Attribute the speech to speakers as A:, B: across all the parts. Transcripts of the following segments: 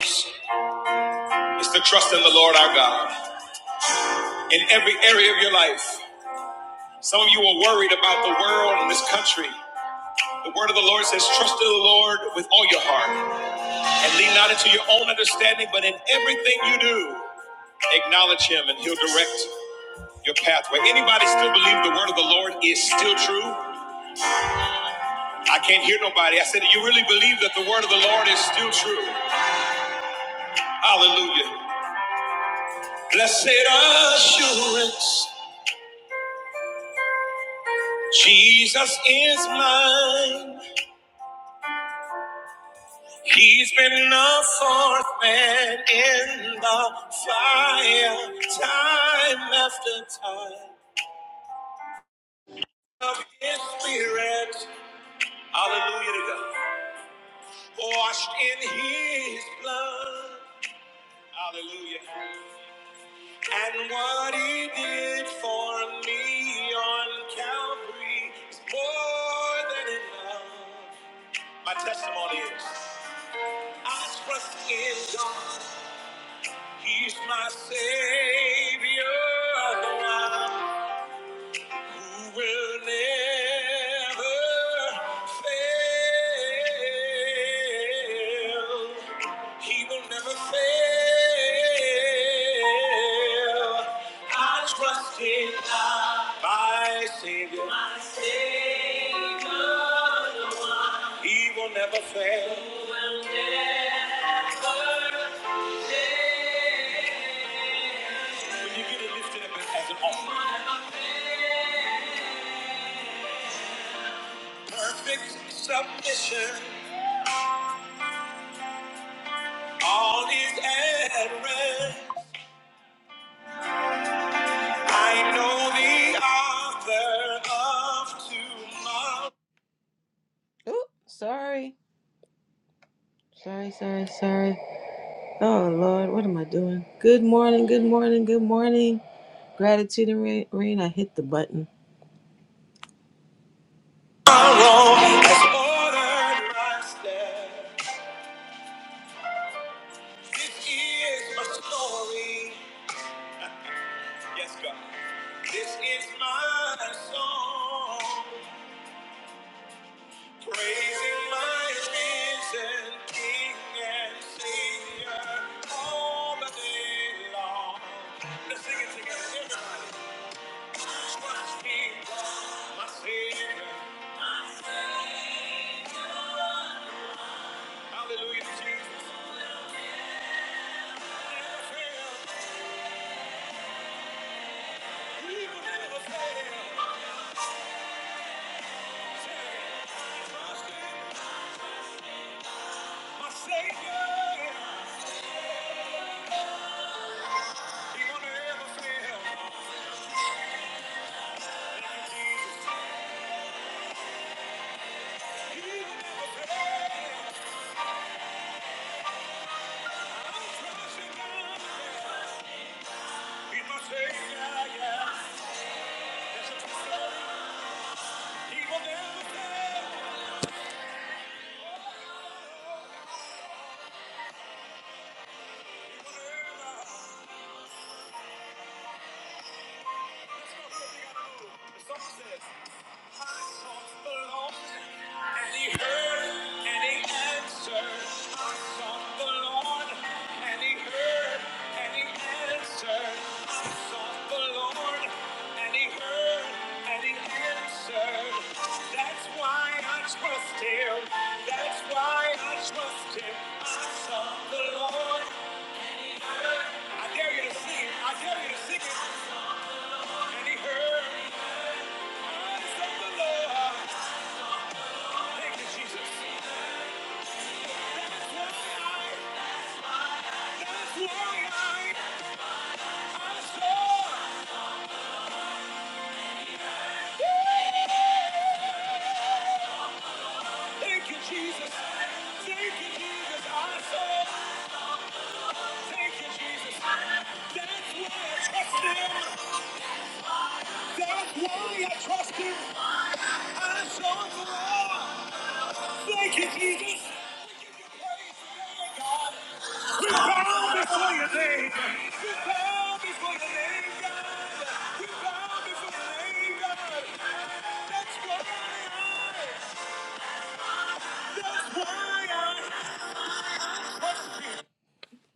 A: is to trust in the Lord our God in every area of your life. Some of you are worried about the world and this country. The word of the Lord says, Trust in the Lord with all your heart and lean not into your own understanding, but in everything you do, acknowledge Him and He'll direct your pathway. Anybody still believe the word of the Lord is still true? I can't hear nobody. I said, Do you really believe that the word of the Lord is still true? Hallelujah. Blessed assurance, Jesus is mine. He's been a fourth man in the fire, time after time. Of his spirit, hallelujah to God. Washed in his blood, hallelujah. And what he did for me on Calvary is more than enough. My testimony is I trust in God. He's my savior, the one who will never fail. He will never fail. I trust in my savior. He will never fail. When you get it lifted up as an offering, know. Ooh, sorry, sorry, sorry, sorry. Oh Lord, what am I doing? Good morning, good morning, good morning. Gratitude and rain. rain. I hit the button.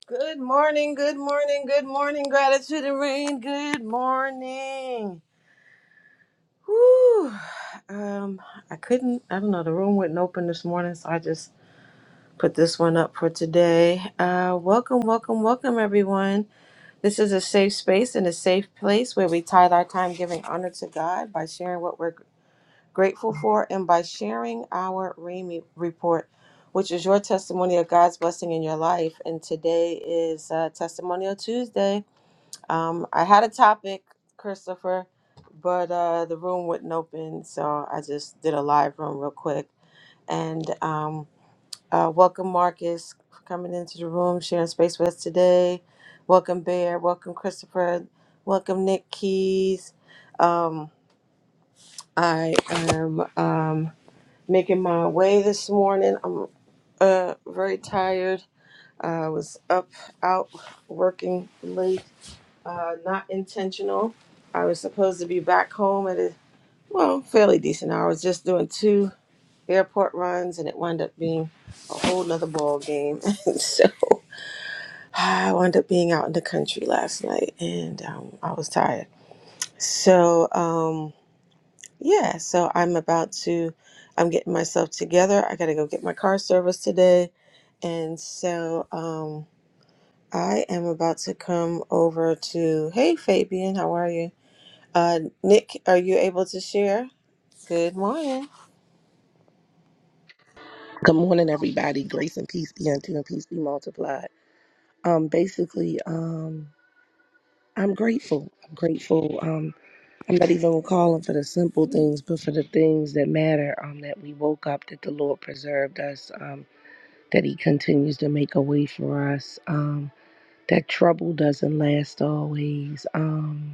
A: Good morning, good morning, good morning. Gratitude and rain. Good morning. Whew. Um, I couldn't. I don't know. The room wouldn't open this morning, so I just put this one up for today. Uh, welcome, welcome, welcome, everyone. This is a safe space and a safe place where we tithe our time giving honor to God by sharing what we're grateful for, and by sharing our RAMI report, which is your testimony of God's blessing in your life. And today is uh, Testimonial Tuesday. Um, I had a topic, Christopher, but uh, the room wouldn't open, so I just did a live room real quick. And um, uh, welcome, Marcus, for coming into the room, sharing space with us today. Welcome, Bear. Welcome, Christopher. Welcome, Nick Keys. Um, I am. Um, making my way this morning. I'm uh, very tired. I was up, out, working late, uh, not intentional. I was supposed to be back home at a, well, fairly decent hour. I was just doing two airport runs and it wound up being a whole nother ball game. And so I wound up being out in the country last night and um, I was tired. So, Um, Yeah, so I'm about to, I'm getting myself together. I gotta go get my car serviced today. And so um, I am about to come over to, hey Fabian, how are you? Uh, Nick, are you able to share? Good morning.
B: Good morning, everybody. Grace and peace be unto you and peace be multiplied. Um, basically, um, I'm grateful. I'm grateful. Um, I'm not even calling for the simple things, but for the things that matter. Um, that we woke up, that the Lord preserved us, um, that He continues to make a way for us, um, that trouble doesn't last always. Um,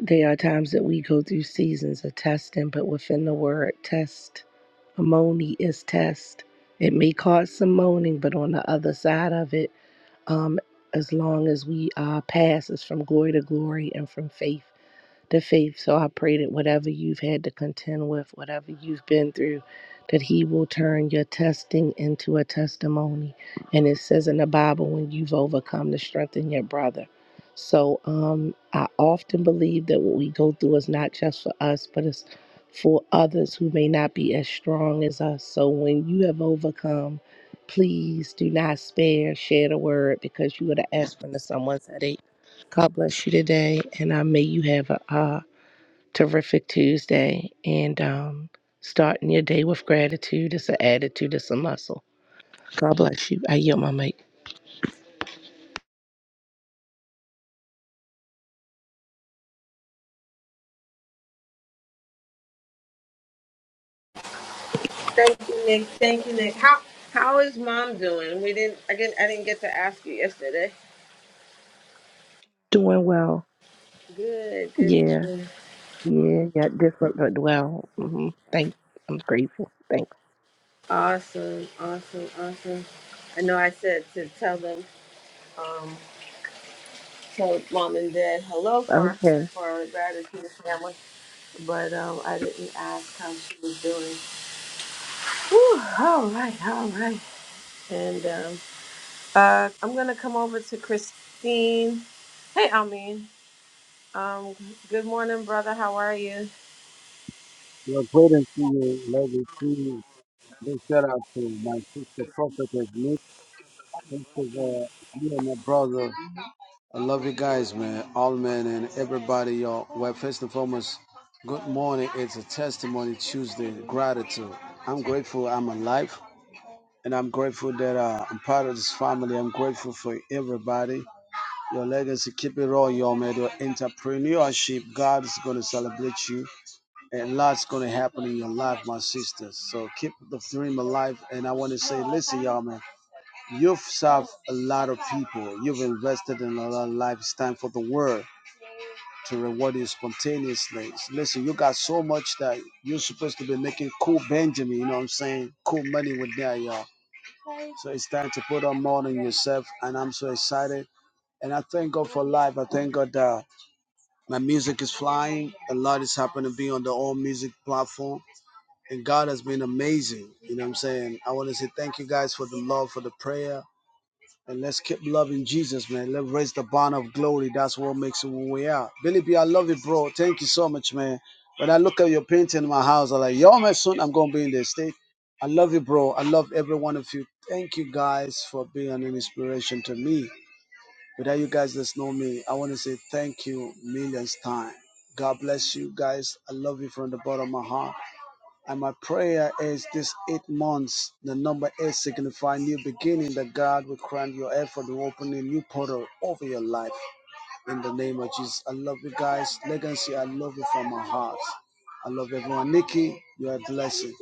B: There are times that we go through seasons of testing, but within the word test, Moni is test. It may cause some moaning, but on the other side of it, um, as long as we uh, pass, it's from glory to glory and from faith the faith. So I pray that whatever you've had to contend with, whatever you've been through, that He will turn your testing into a testimony. And it says in the Bible, when you've overcome, to strengthen your brother. So um, I often believe that what we go through is not just for us, but it's for others who may not be as strong as us. So when you have overcome, please do not spare, share the word because you are the aspirin to someone's headache. God bless you today, and I may you have a uh, terrific Tuesday and um, starting your day with gratitude. is an attitude, it's a muscle. God bless you. I yield my mic.
A: Thank you, Nick. Thank you, Nick. How how is mom doing? We didn't I didn't I didn't get to ask you yesterday.
B: Doing well.
A: Good, good,
B: Yeah.
A: good.
B: Yeah. Got different, but well. hmm Thank. I'm grateful. Thanks.
A: Awesome, awesome, awesome. I know I said to tell them. So mom and dad, hello for
B: Okay.
A: for gratitude family. But um, I didn't ask how she was doing. Whew, all right, all right. And um, uh, I'm gonna come over to Christine. Hey, Almin. Um, good morning, brother. How are you?
C: Your greetings to you, Lady Big shout out to my sister prophetess Nick. Thanks for the, you and my brother. I love you guys, man. All men and everybody, y'all. Well, first and foremost, good morning. It's a testimony Tuesday. Gratitude. I'm grateful I'm alive. And I'm grateful that uh, I'm part of this family. I'm grateful for everybody. Your legacy, keep it all, y'all, man. Your entrepreneurship, God is going to celebrate you and lots gonna happen in your life, my sisters. So keep the dream alive. And I want to say, listen, y'all, man, you've served a lot of people. You've invested in a lot of life. It's time for the world to reward you spontaneously. Listen, you got so much that you're supposed to be making cool Benjamin. You know what I'm saying? Cool money with that, y'all. So it's time to put on more than yourself. And I'm so excited. And I thank God for life. I thank God that my music is flying. A lot is happening to be on the all music platform and God has been amazing. You know what I'm saying? I want to say thank you guys for the love, for the prayer. And let's keep loving Jesus, man. Let's raise the banner of glory. That's what makes it who we are. Billy B, I love it, bro. Thank you so much, man. When I look at your painting in my house, I'm like, yo, man, soon I'm going to be in the state. I love you, bro. I love every one of you. Thank you guys for being an inspiration to me. Without you guys that know me, I want to say thank you millions time. God bless you guys. I love you from the bottom of my heart. And my prayer is this eight months, the number eight signify new beginning, that God will grant your effort to open a new portal over your life in the name of Jesus. I love you guys. Legacy, I love you from my heart. I love everyone. Nikki, you're a blessing.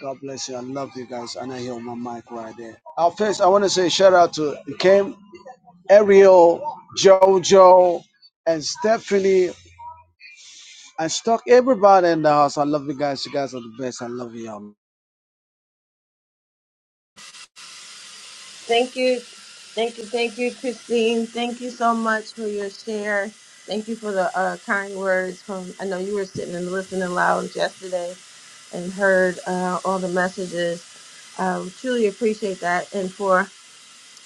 C: God bless you. I love you guys. And I hear my mic right there. Our first, I want to say shout out to Kim, Ariel, Jojo, and Stephanie. I stuck everybody in the house. I love you guys. You guys are the best. I love you all.
A: Thank you. Thank you. Thank you, Christine. Thank you so much for your share. Thank you for the uh, kind words from, I know you were sitting and listening loud yesterday and heard uh, all the messages. I truly appreciate that and for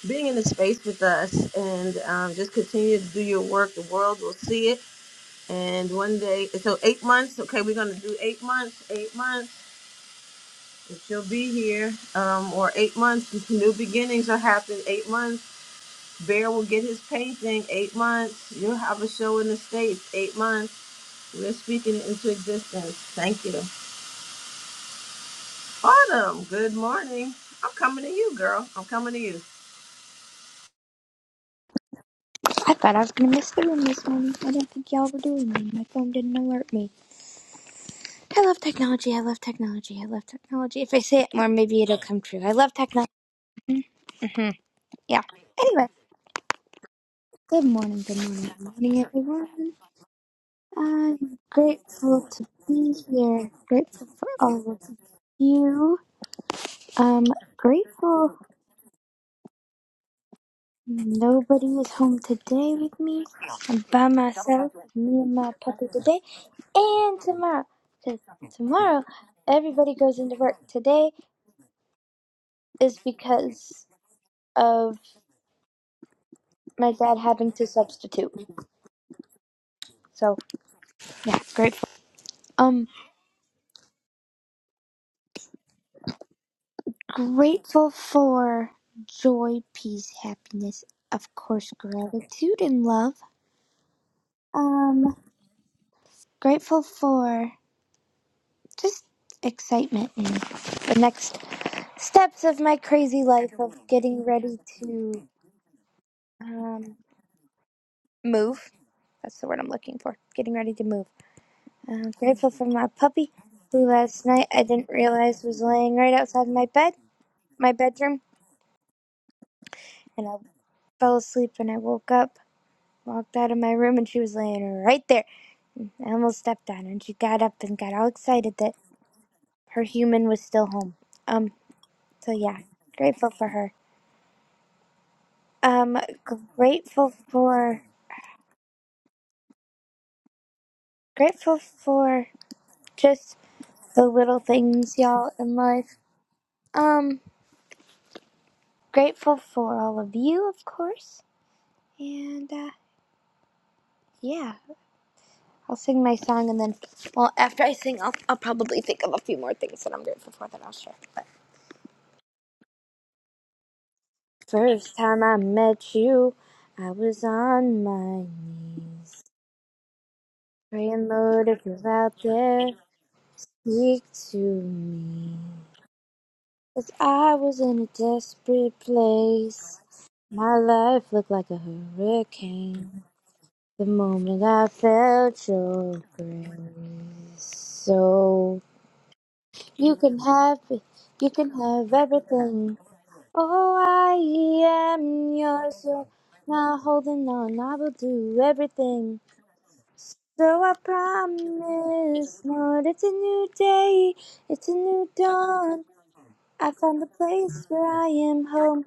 A: being in the space with us and um, just continue to do your work. The world will see it. And one day, so eight months, okay, we're going to do eight months, eight months, and she'll be here. Um, or eight months, new beginnings are happening. eight months Bear will get his painting. eight months. You'll have a show in the States eight months. We're speaking it into existence. Thank you. Autumn, good morning. I'm coming to you, girl. I'm coming to you.
D: I thought I was gonna miss the room this morning. I didn't think y'all were doing one. My phone didn't alert me. I love technology. I love technology. I love technology. If I say it more, maybe it'll come true. I love technology. Yeah. Anyway, good morning. Good morning. Good morning, everyone. I'm grateful to be here. Grateful for all of you. Um, grateful. Nobody is home today with me. I'm by myself, me and my puppy today, and tomorrow. Because tomorrow, everybody goes into work. Today is because of my dad having to substitute. So, yeah, grateful. Um, grateful for joy, peace, happiness, of course, gratitude and love. Um, grateful for just excitement and the next steps of my crazy life of getting ready to um, move. That's the word I'm looking for. Getting ready to move. I'm grateful for my puppy, who last night I didn't realize was laying right outside my bed, my bedroom, and I fell asleep and I woke up, walked out of my room, and she was laying right there. I almost stepped on her, and she got up and got all excited that her human was still home. Um. So yeah, grateful for her. Um. Grateful for. Grateful for just the little things, y'all, in life. Um, grateful for all of you, of course. And uh, yeah, I'll sing my song, and then, well, after I sing, I'll, I'll probably think of a few more things that I'm grateful for that I'll share. But first time I met you, I was on my knees. Praying, Lord, if you're out there, speak to me. 'Cause I was in a desperate place. My life looked like a hurricane. The moment I felt your grace, so you can have it, you can have everything. Oh, I am yours, so now holding on, I will do everything. So I promise, Lord, it's a new day, it's a new dawn. I found a place where I am home.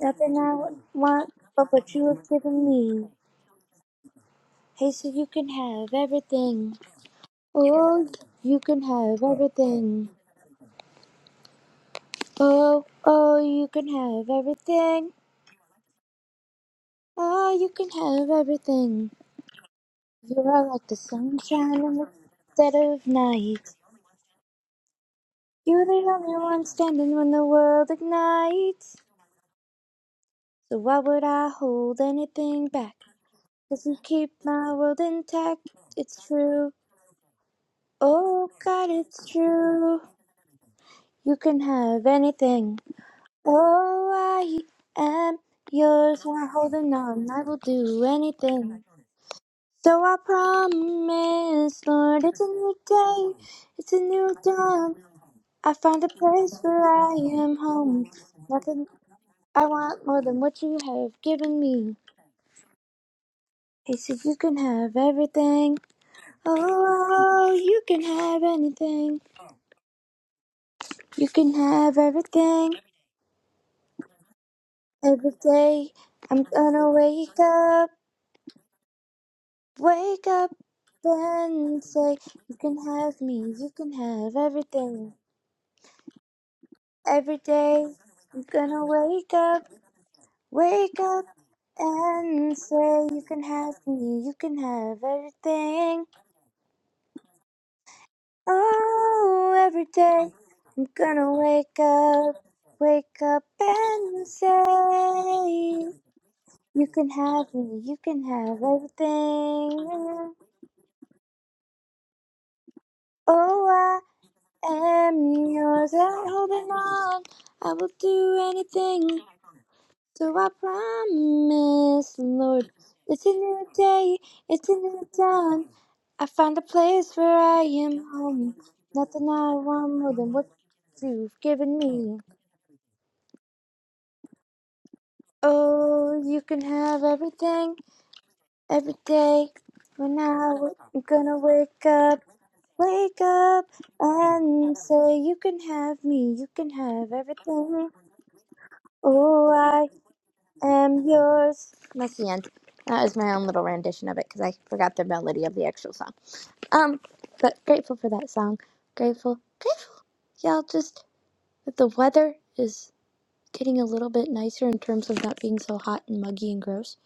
D: Nothing I want but what you have given me. Hey, so you can have everything. Oh, you can have everything. Oh, oh, you can have everything. Oh, you can have everything. You are like the sunshine in the dead of night. You're the only one standing when the world ignites. So why would I hold anything back? 'Cause you keep my world intact. It's true. Oh, God, it's true. You can have anything. Oh, I am yours, I'm holding on. I will do anything. So I promise, Lord, it's a new day, it's a new dawn. I found a place where I am home. Nothing I want more than what you have given me. He said, You can have everything. Oh, you can have anything. You can have everything. Every day I'm gonna wake up. Wake up and say, You can have me, you can have everything. Every day, you're gonna wake up, wake up and say, You can have me, you can have everything. Oh, every day, I'm gonna wake up, wake up and say, You can have me, you can have everything. Oh, am yours and holding on. I will do anything. So I promise, Lord, it's a new day, it's a new dawn. I found a place where I am home. Nothing I want more than what you've given me. Oh, you can have everything, every day. When I w- I'm gonna wake up, wake up and say, You can have me, you can have everything. Oh, I am yours. That's the end. That is my own little rendition of it because I forgot the melody of the actual song. Um, but grateful for that song. Grateful, grateful. Y'all just that the weather is getting a little bit nicer in terms of not being so hot and muggy and gross.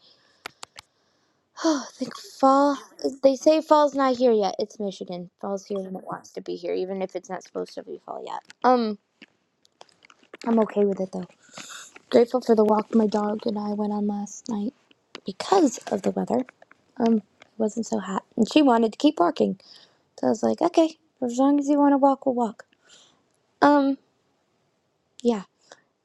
D: Oh, I think fall. They say fall's not here yet. It's Michigan. Fall's here when it wants to be here, even if it's not supposed to be fall yet. Um, I'm okay with it though. Grateful for the walk my dog and I went on last night. because of the weather. Um, it wasn't so hot, and she wanted to keep walking. So I was like, okay, for as long as you want to walk, we'll walk. Um, yeah,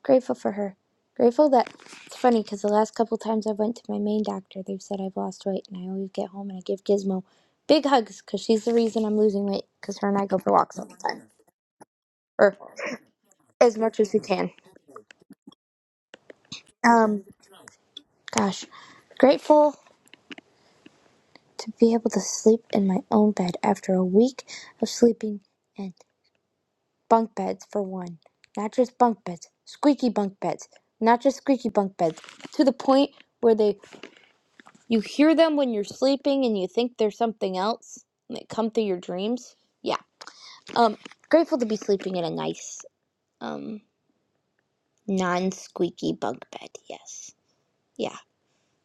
D: grateful for her. Grateful that it's funny because the last couple times I went to my main doctor, they've said I've lost weight, and I always get home and I give Gizmo big hugs because she's the reason I'm losing weight because her and I go for walks all the time, or as much as we can. Um, gosh, grateful to be able to sleep in my own bed after a week of sleeping in Bunk beds for one. Not just bunk beds, squeaky bunk beds. Not just squeaky bunk beds. To the point where they you hear them when you're sleeping and you think they're something else and they come through your dreams. Yeah. Um grateful to be sleeping in a nice um non-squeaky bunk bed. Yes. Yeah.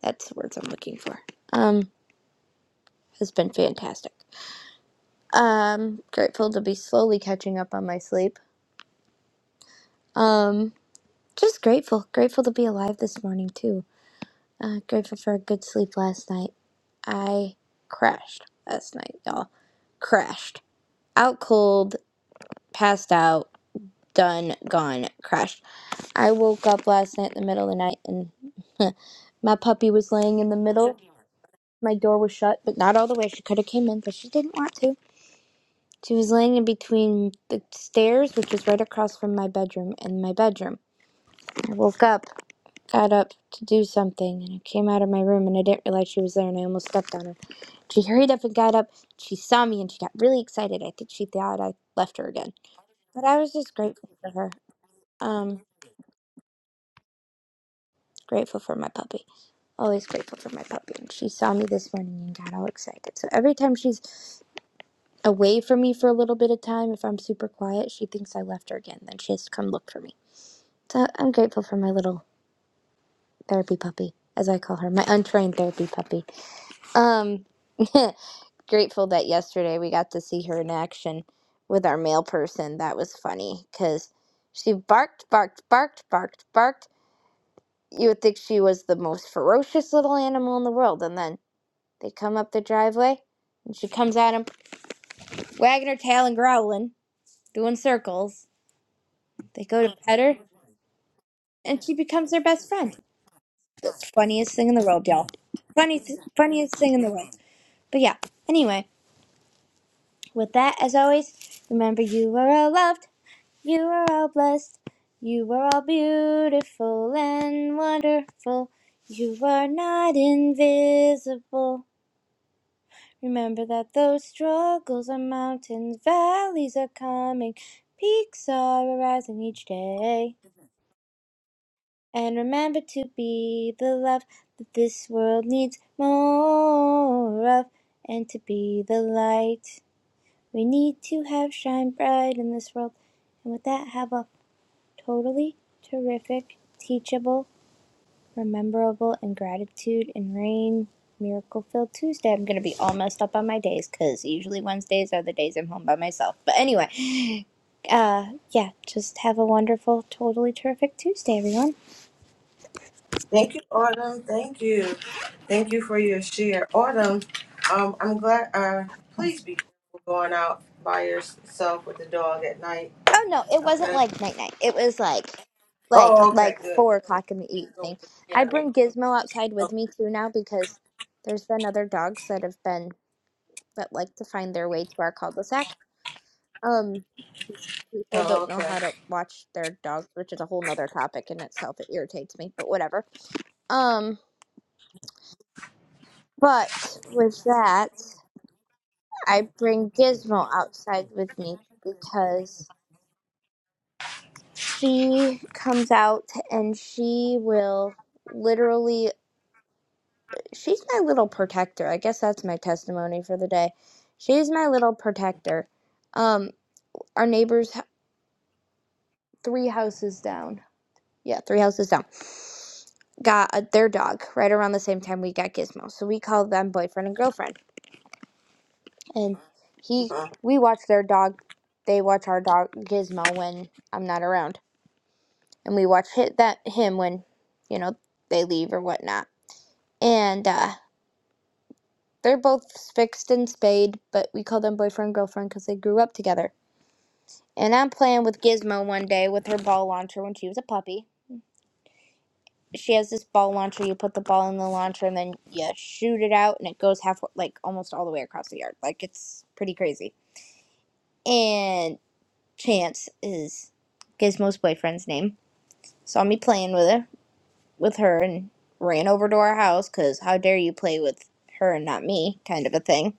D: That's the words I'm looking for. Um has been fantastic. Um grateful to be slowly catching up on my sleep. Um just grateful. Grateful to be alive this morning too Uh, grateful for a good sleep last night. I crashed last night, y'all. Crashed. Out cold, passed out, done, gone, crashed. I woke up last night in the middle of the night and my puppy was laying in the middle. My door was shut, but not all the way. She could have came in, but she didn't want to. She was laying in between the stairs, which was right across from my bedroom, and my bedroom. I woke up, got up to do something, and I came out of my room and I didn't realize she was there and I almost stepped on her. She hurried up and got up. She saw me and she got really excited. I think she thought I left her again. But I was just grateful for her. Um, grateful for my puppy. Always grateful for my puppy. And she saw me this morning and got all excited. So every time she's away from me for a little bit of time, if I'm super quiet, she thinks I left her again. Then she has to come look for me. So I'm grateful for my little therapy puppy, as I call her, my untrained therapy puppy. Um, grateful that yesterday we got to see her in action with our mail person. That was funny because she barked, barked, barked, barked, barked. You would think she was the most ferocious little animal in the world. And then they come up the driveway and she comes at them, wagging her tail and growling, doing circles. They go to pet her and she becomes their best friend. Funniest thing in the world, y'all. Funny, funniest thing in the world. But yeah, anyway, with that, as always, remember you are all loved. You are all blessed. You are all beautiful and wonderful. You are not invisible. Remember that those struggles are mountains, valleys are coming, peaks are arising each day. And remember to be the love that this world needs more of, and to be the light we need to have shine bright in this world. And with that, have a Totally terrific, teachable, rememberable, and gratitude and rain. Miracle filled Tuesday. I'm gonna be all messed up on my days because usually Wednesdays are the days I'm home by myself. But anyway, uh, yeah, just have a wonderful, totally terrific Tuesday, everyone.
A: Thank you, Autumn. Thank you. Thank you for your share. Autumn, um, I'm glad, uh, please be careful going out by yourself with the dog at night.
D: Oh no, it wasn't
A: Okay.
D: like night night. It was like,
A: Oh,
D: like,
A: okay,
D: like four
A: good.
D: o'clock in the
A: So
D: evening. I bring Gizmo outside with me too now because there's been other dogs that have been that like to find their way to our cul-de-sac. Um, because people
A: Oh,
D: don't know
A: okay.
D: how to watch their dogs, which is a whole nother topic in itself. It irritates me, but whatever. Um, but with that, I bring Gizmo outside with me because she comes out and she will literally, she's my little protector. I guess that's my testimony for the day. She's my little protector. Um, our neighbors, h- three houses down. Yeah, three houses down. Got a, their dog right around the same time we got Gizmo. So we called them boyfriend and girlfriend. And he, we watch their dog. They watch our dog Gizmo when I'm not around, and we watch hit that him when, you know, they leave or whatnot. And uh, they're both fixed and spayed, but we call them boyfriend girlfriend because they grew up together. And I'm playing with Gizmo one day with her ball launcher when she was a puppy she has this ball launcher. You put the ball in the launcher and then you shoot it out, and it goes half like almost all the way across the yard. Like it's pretty crazy. And Chance is Gizmo's boyfriend's name. Saw me playing with her, with her, and ran over to our house because how dare you play with her and not me, kind of a thing.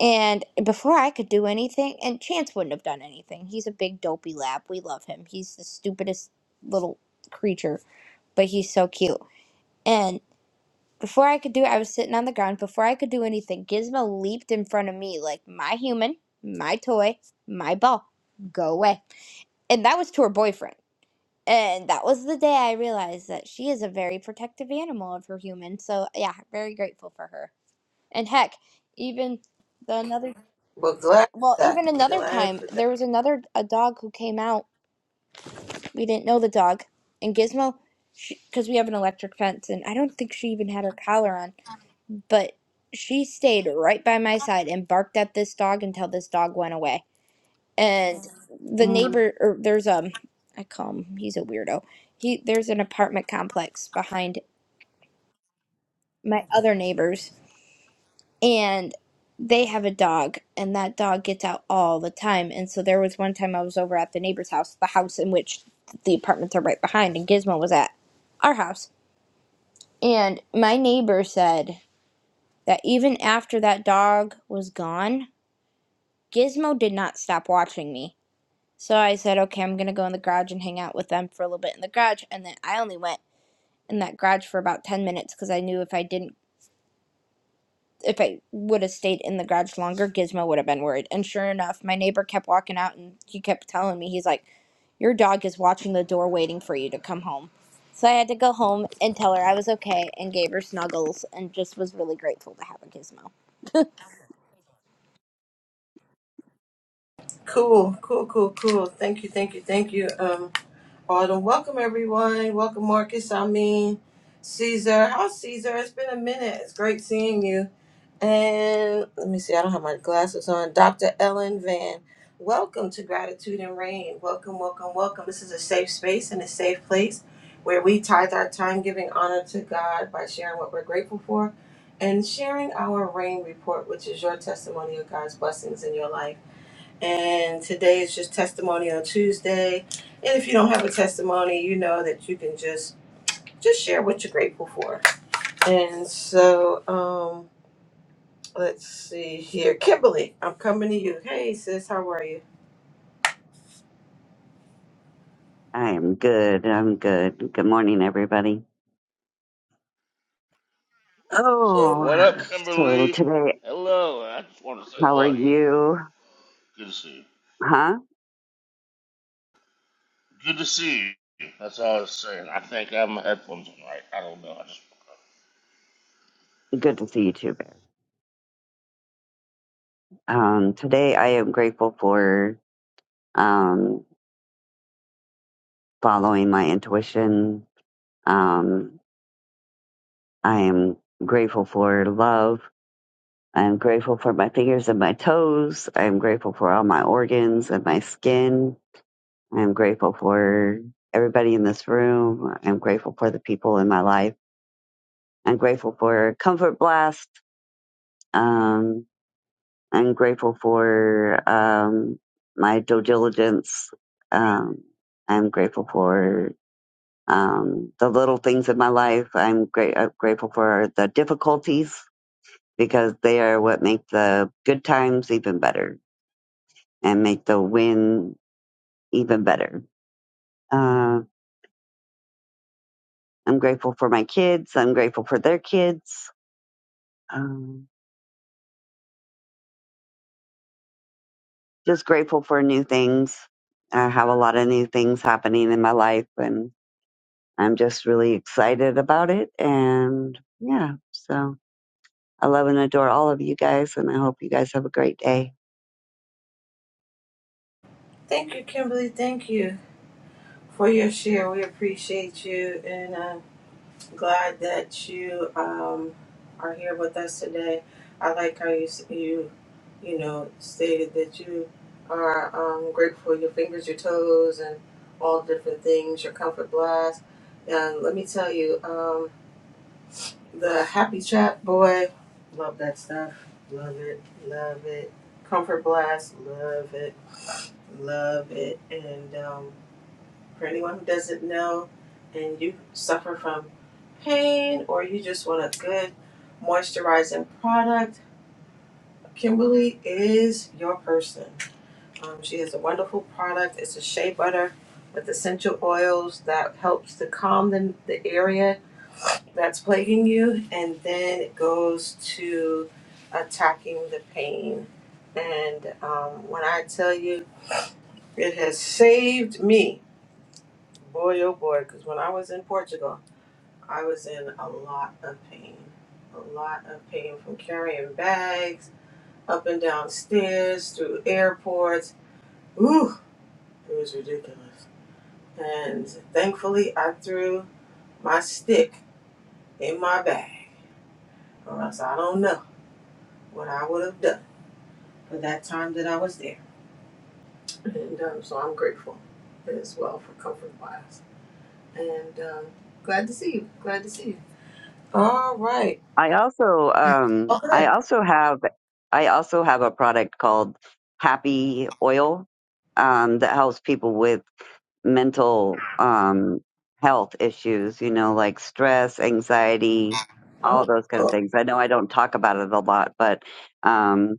D: And before I could do anything, and Chance wouldn't have done anything. He's a big dopey lab. We love him. He's the stupidest little creature, but he's so cute. And Before I could do it, I was sitting on the ground. Before I could do anything, Gizmo leaped in front of me like my human, my toy, my ball. Go away. And that was to her boyfriend. And that was the day I realized that she is a very protective animal of her human. So, yeah, very grateful for her. And heck, even the another
A: Well, glad for
D: well,
A: that.
D: even another
A: Glad
D: time,
A: for that.
D: there was another a dog who came out. We didn't know the dog. And Gizmo because we have an electric fence and I don't think she even had her collar on but she stayed right by my side and barked at this dog until this dog went away. And the neighbor, or there's um, I call him, he's a weirdo. He there's an apartment complex behind my other neighbors, and they have a dog, and that dog gets out all the time. And so there was one time I was over at the neighbor's house, the house in which the apartments are right behind, and Gizmo was at our house. And my neighbor said that even after that dog was gone, Gizmo did not stop watching me. So I said, okay, I'm going to go in the garage and hang out with them for a little bit in the garage. And then I only went in that garage for about 10 minutes because I knew if I didn't, if I would have stayed in the garage longer, Gizmo would have been worried. And sure enough, my neighbor kept walking out and he kept telling me, he's like, your dog is watching the door waiting for you to come home. So I had to go home and tell her I was okay and gave her snuggles and just was really grateful to have a gizmo.
A: Cool, cool, cool, cool. Thank you, thank you, thank you. Um, Autumn, welcome everyone. Welcome Marcus. I mean, Caesar. How's Caesar? It's been a minute. It's great seeing you. And let me see. I don't have my glasses on. Dr. Ellen Van. Welcome to Gratitude and Rain. Welcome, welcome, welcome. This is a safe space and a safe place where we tithe our time giving honor to God by sharing what we're grateful for and sharing our rain report, which is your testimony of God's blessings in your life. And today is just testimonial Tuesday. And if you don't have a testimony, you know that you can just just share what you're grateful for. And so, um, let's see here. Kimberly, I'm coming to you. Hey sis, how are you?
E: I am good. I'm good. Good morning, everybody.
F: Uh,
E: Oh,
F: what up,
E: so
F: Kimberly?
E: today,
F: Hello. I just want to say
E: how are
F: hello to
E: you?
F: you. Good to see you.
E: Huh?
F: Good to see you. That's all I was saying. I think I have my headphones on right. I don't know. I just...
E: Good to see you too, Bear. Um, today, I am grateful for um, following my intuition. Um, I am grateful for love. I'm grateful for my fingers and my toes. I'm grateful for all my organs and my skin. I'm grateful for everybody in this room. I'm grateful for the people in my life. I'm grateful for Comfort Blast. Um, I'm grateful for um, my due diligence. Um, I'm grateful for um, the little things in my life. I'm, great, I'm grateful for the difficulties because they are what make the good times even better and make the win even better. Uh, I'm grateful for my kids. I'm grateful for their kids. Um, just grateful for new things. I have a lot of new things happening in my life and I'm just really excited about it. And yeah, so I love and adore all of you guys and I hope you guys have a great day.
A: Thank you, Kimberly. Thank you for your share. We appreciate you. And um glad that you um, are here with us today. I like how you s- you you know stated that you are um, grateful for your fingers, your toes, and all different things, your comfort blast. And let me tell you, um, the happy chat boy, love that stuff, love it, love it. Comfort blast, love it, love it, and um, for anyone who doesn't know and you suffer from pain or you just want a good moisturizing product, Kimberly is your person. Um, she has a wonderful product. It's a shea butter with essential oils that helps to calm the, the area that's plaguing you and then it goes to attacking the pain. And um, when I tell you, it has saved me, boy oh boy, because when I was in Portugal, I was in a lot of pain. A lot of pain from carrying bags up and down stairs, through airports. Ooh, it was ridiculous. And thankfully, I threw my stick in my bag, or else I don't know what I would have done for that time that I was there. And um, so I'm grateful as well for Comfort Wise. And um, glad to see you. Glad to see you. All right.
E: I also, um, I
A: Okay.
E: also have, I also have a product called Happy Oil, um, that helps people with mental um, health issues, you know, like stress, anxiety, all
A: Oh,
E: those kind of things. I know I don't talk about it a lot, but um,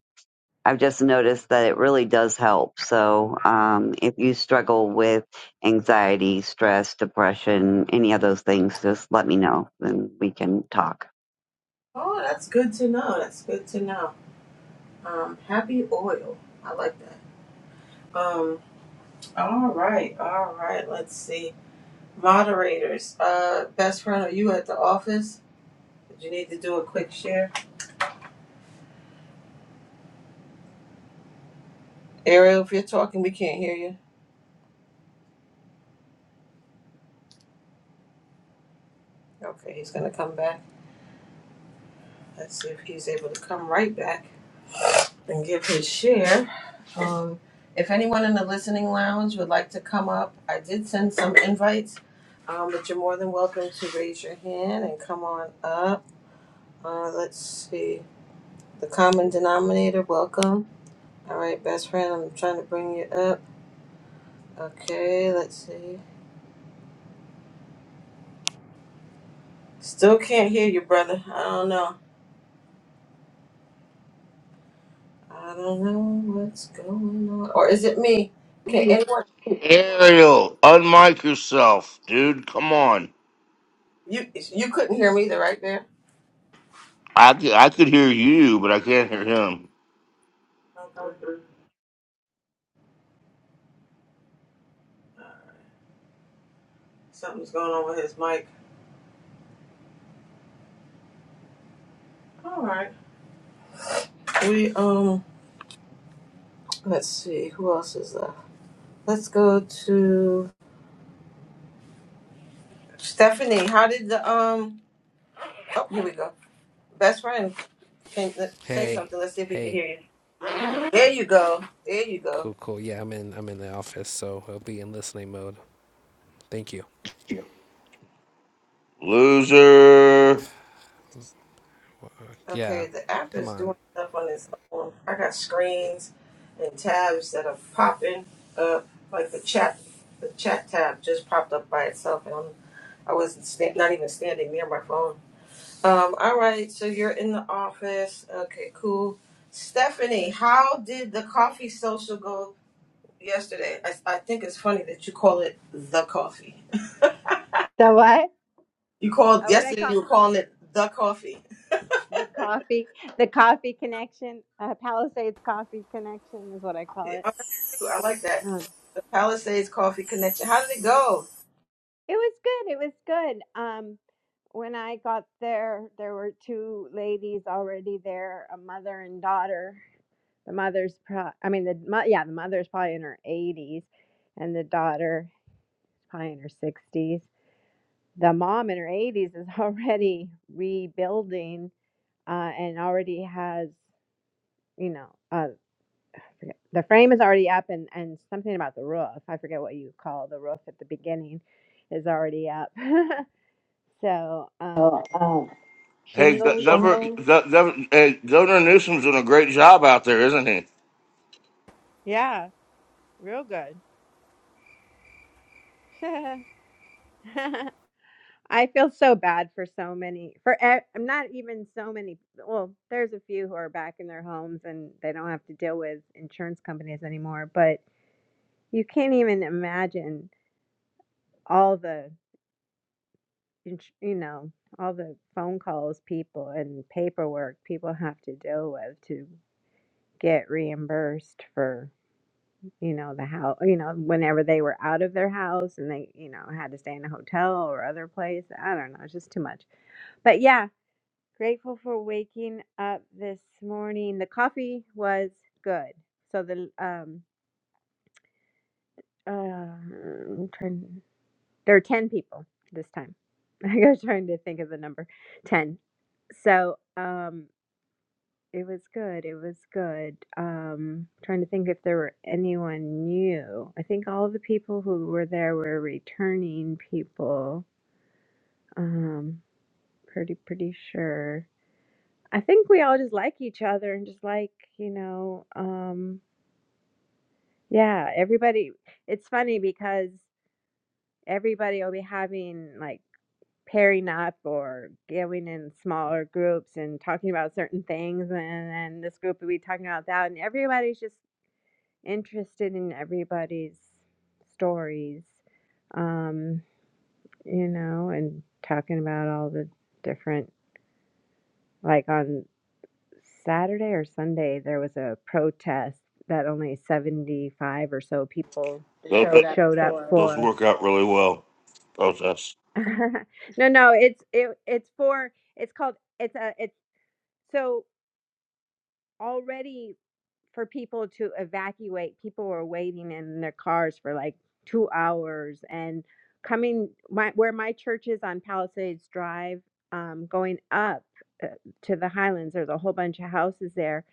E: I've just noticed that it really does help. So um, if you struggle with anxiety, stress, depression, any of those things, just let me know and we can talk.
A: oh, that's good to know. That's good to know. Um, happy oil. I like that. Um, all right, all right. Let's see. Moderators. Uh, best friend, are you at the office? Did you need to do a quick share? Ariel, if you're talking, we can't hear you. Okay, he's gonna come back. Let's see if he's able to come right back and give his share. Um, if anyone in the listening lounge would like to come up, I did send some invites, um, but you're more than welcome to raise your hand and come on up. Uh, let's see. The common denominator, welcome. All right, best friend, I'm trying to bring you up. Okay, let's see. Still can't hear you, brother. I don't know. I don't know what's going on. Or is it me? Can
F: Me.
A: anyone?
F: Ariel, unmic yourself, dude. Come on.
A: You you couldn't hear me either, right there.
F: I could, I could hear you, but I can't hear him.
A: Okay, something's going on with his mic. All right. We um, let's see. Who else is left? Let's go to Stephanie. How did the um? Oh, here we go. Best friend, can say
G: Hey,
A: something. Let's see if we can
G: hey,
A: hear you. There you go. There you go.
G: cool, cool. Yeah, I'm in. I'm in the office, so I'll be in listening mode. Thank you.
F: Loser.
G: Yeah,
A: Okay, the app
G: come
A: is
G: on.
A: doing stuff on its own. I got screens and tabs that are popping up, like the chat. The chat tab just popped up by itself, and I'm, I wasn't sta- not even standing near my phone. Um. All right. So you're in the office. Okay. Cool. Stephanie, how did the coffee social go yesterday? I, I think it's funny that you call it the coffee.
H: The what?
A: You called
H: Uh, what I
A: yesterday.
H: call
A: You were calling it the coffee.
H: the coffee, the coffee connection, uh, Palisades coffee connection is what I
A: Oh,
H: call it.
A: that's cute. I like that.
H: Um,
A: The Palisades Coffee Connection. How did it go?
H: it was good. It was good. Um, when I got there, there were two ladies already there, a mother and daughter. The mother's, pro- I mean, the mo- yeah, the mother's probably in her eighties, and the daughter probably in her sixties. The mom in her eighties is already rebuilding uh, and already has you know, uh. forget- the frame is already up and and something about the roof i forget what you call the roof at the beginning is already up so um
F: Uh, uh, Hey, Go-
H: shingles
F: Governor, Shimon Go- Gov- hey, Governor Newsom's doing a great job out there, isn't he?
H: yeah real good i feel so bad for so many for e- i'm not even so many well there's a few who are back in their homes and they don't have to deal with insurance companies anymore but you can't even imagine all the And you know, all the phone calls people and paperwork people have to deal with to get reimbursed for, you know, the house, you know, whenever they were out of their house and they, you know, had to stay in a hotel or other place. I don't know, it's just too much. But yeah, grateful for waking up this morning. The coffee was good. So the um uh, I'm trying, there are 10 people this time. I was trying to think of the number 10. So, um It was good, it was good. Um, trying to think if there were anyone new. I think all the people who were there were returning people. Um, pretty pretty sure. I think we all just like each other and just like, you know, um, yeah, everybody it's funny because everybody will be having like pairing up or going in smaller groups and talking about certain things and then this group will be talking about that and everybody's just interested in everybody's stories, um, you know, and talking about all the different, like on Saturday or Sunday, there was a protest that only 75 or so people
F: Those, showed up
H: showed up
F: for us. those
H: for.
F: work out really well. Protests.
H: no, no, it's it, it's for it's called it's a it's so already for people to evacuate. People were waiting in their cars for like two hours and coming my, where my church is on Palisades Drive, um, going up uh, to the Highlands. There's a whole bunch of houses there.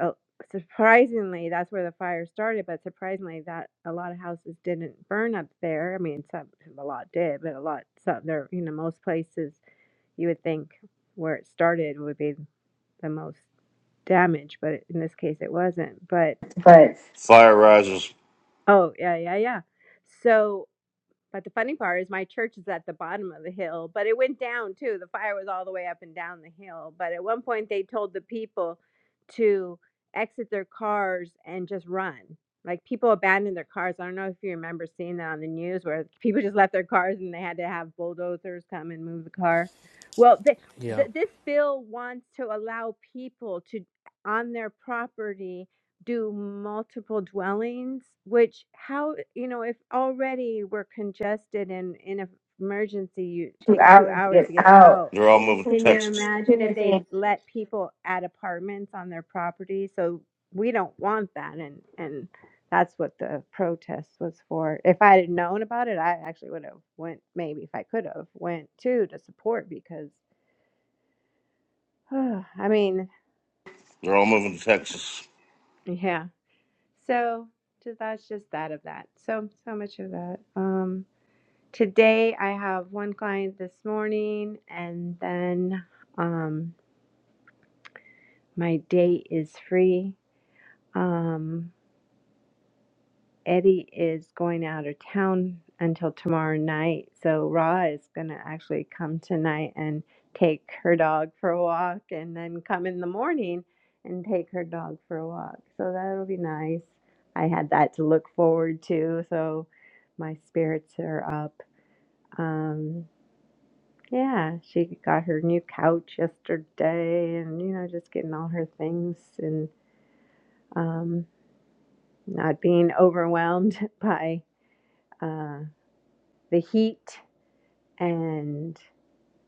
H: Uh, surprisingly, that's where the fire started, but surprisingly, that a lot of houses didn't burn up there. I mean, some a lot did, but a lot some there. You know, most places you would think where it started would be the most damage, but in this case, it wasn't. But
F: but Fire risers.
H: Oh, yeah, yeah, yeah. So, but the funny part is my church is at the bottom of the hill, but it went down too. The fire was all the way up and down the hill. But at one point, they told the people to exit their cars and just run. Like people abandoned their cars. I don't know if you remember seeing that on the news where people just left their cars and they had to have bulldozers come and move the car. Well, th- th-
G: Yo,
H: this bill wants to allow people to, on their property, do multiple dwellings, which how you know if already we're congested and in an emergency you
F: two
H: takes two
F: hours to
H: hours to
F: get
H: get
F: out.
H: out.
F: They're all moving to Can you
H: Can you
F: Texas.
H: imagine
F: imagine
H: if
F: if
H: they
F: they?
H: let people add apartments on their property? So we don't want that, and and that's what the protest was for. If I had known about it, I actually would have went. Maybe if I could have went too to support because I mean,
F: They're all moving to Texas.
H: yeah. So just, that's just that of that. So so much of that. Um, today I have one client this morning, and then um, my day is free. Um, Eddie is going out of town until tomorrow night, so Ra is going to actually come tonight and take her dog for a walk and then come in the morning and take her dog for a walk. So that'll be nice. I had that to look forward to, so my spirits are up. Um yeah, she got her new couch yesterday and you know just getting all her things and um not being overwhelmed by uh, the heat and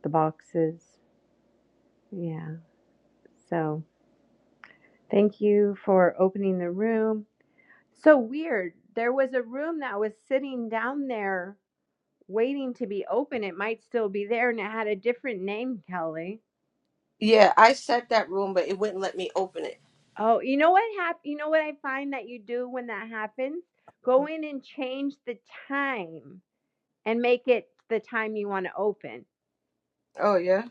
H: the boxes. Yeah. So thank you for opening the room. So weird. There was a room that was sitting down there waiting to be open. It might still be there and it had a different name, Kelly.
A: Yeah, I set that room, but it wouldn't let me open it.
H: Oh, you know what hap- you know what I find that you do when that happens? Go in and change the time and make it the time you want to open.
A: Oh yeah.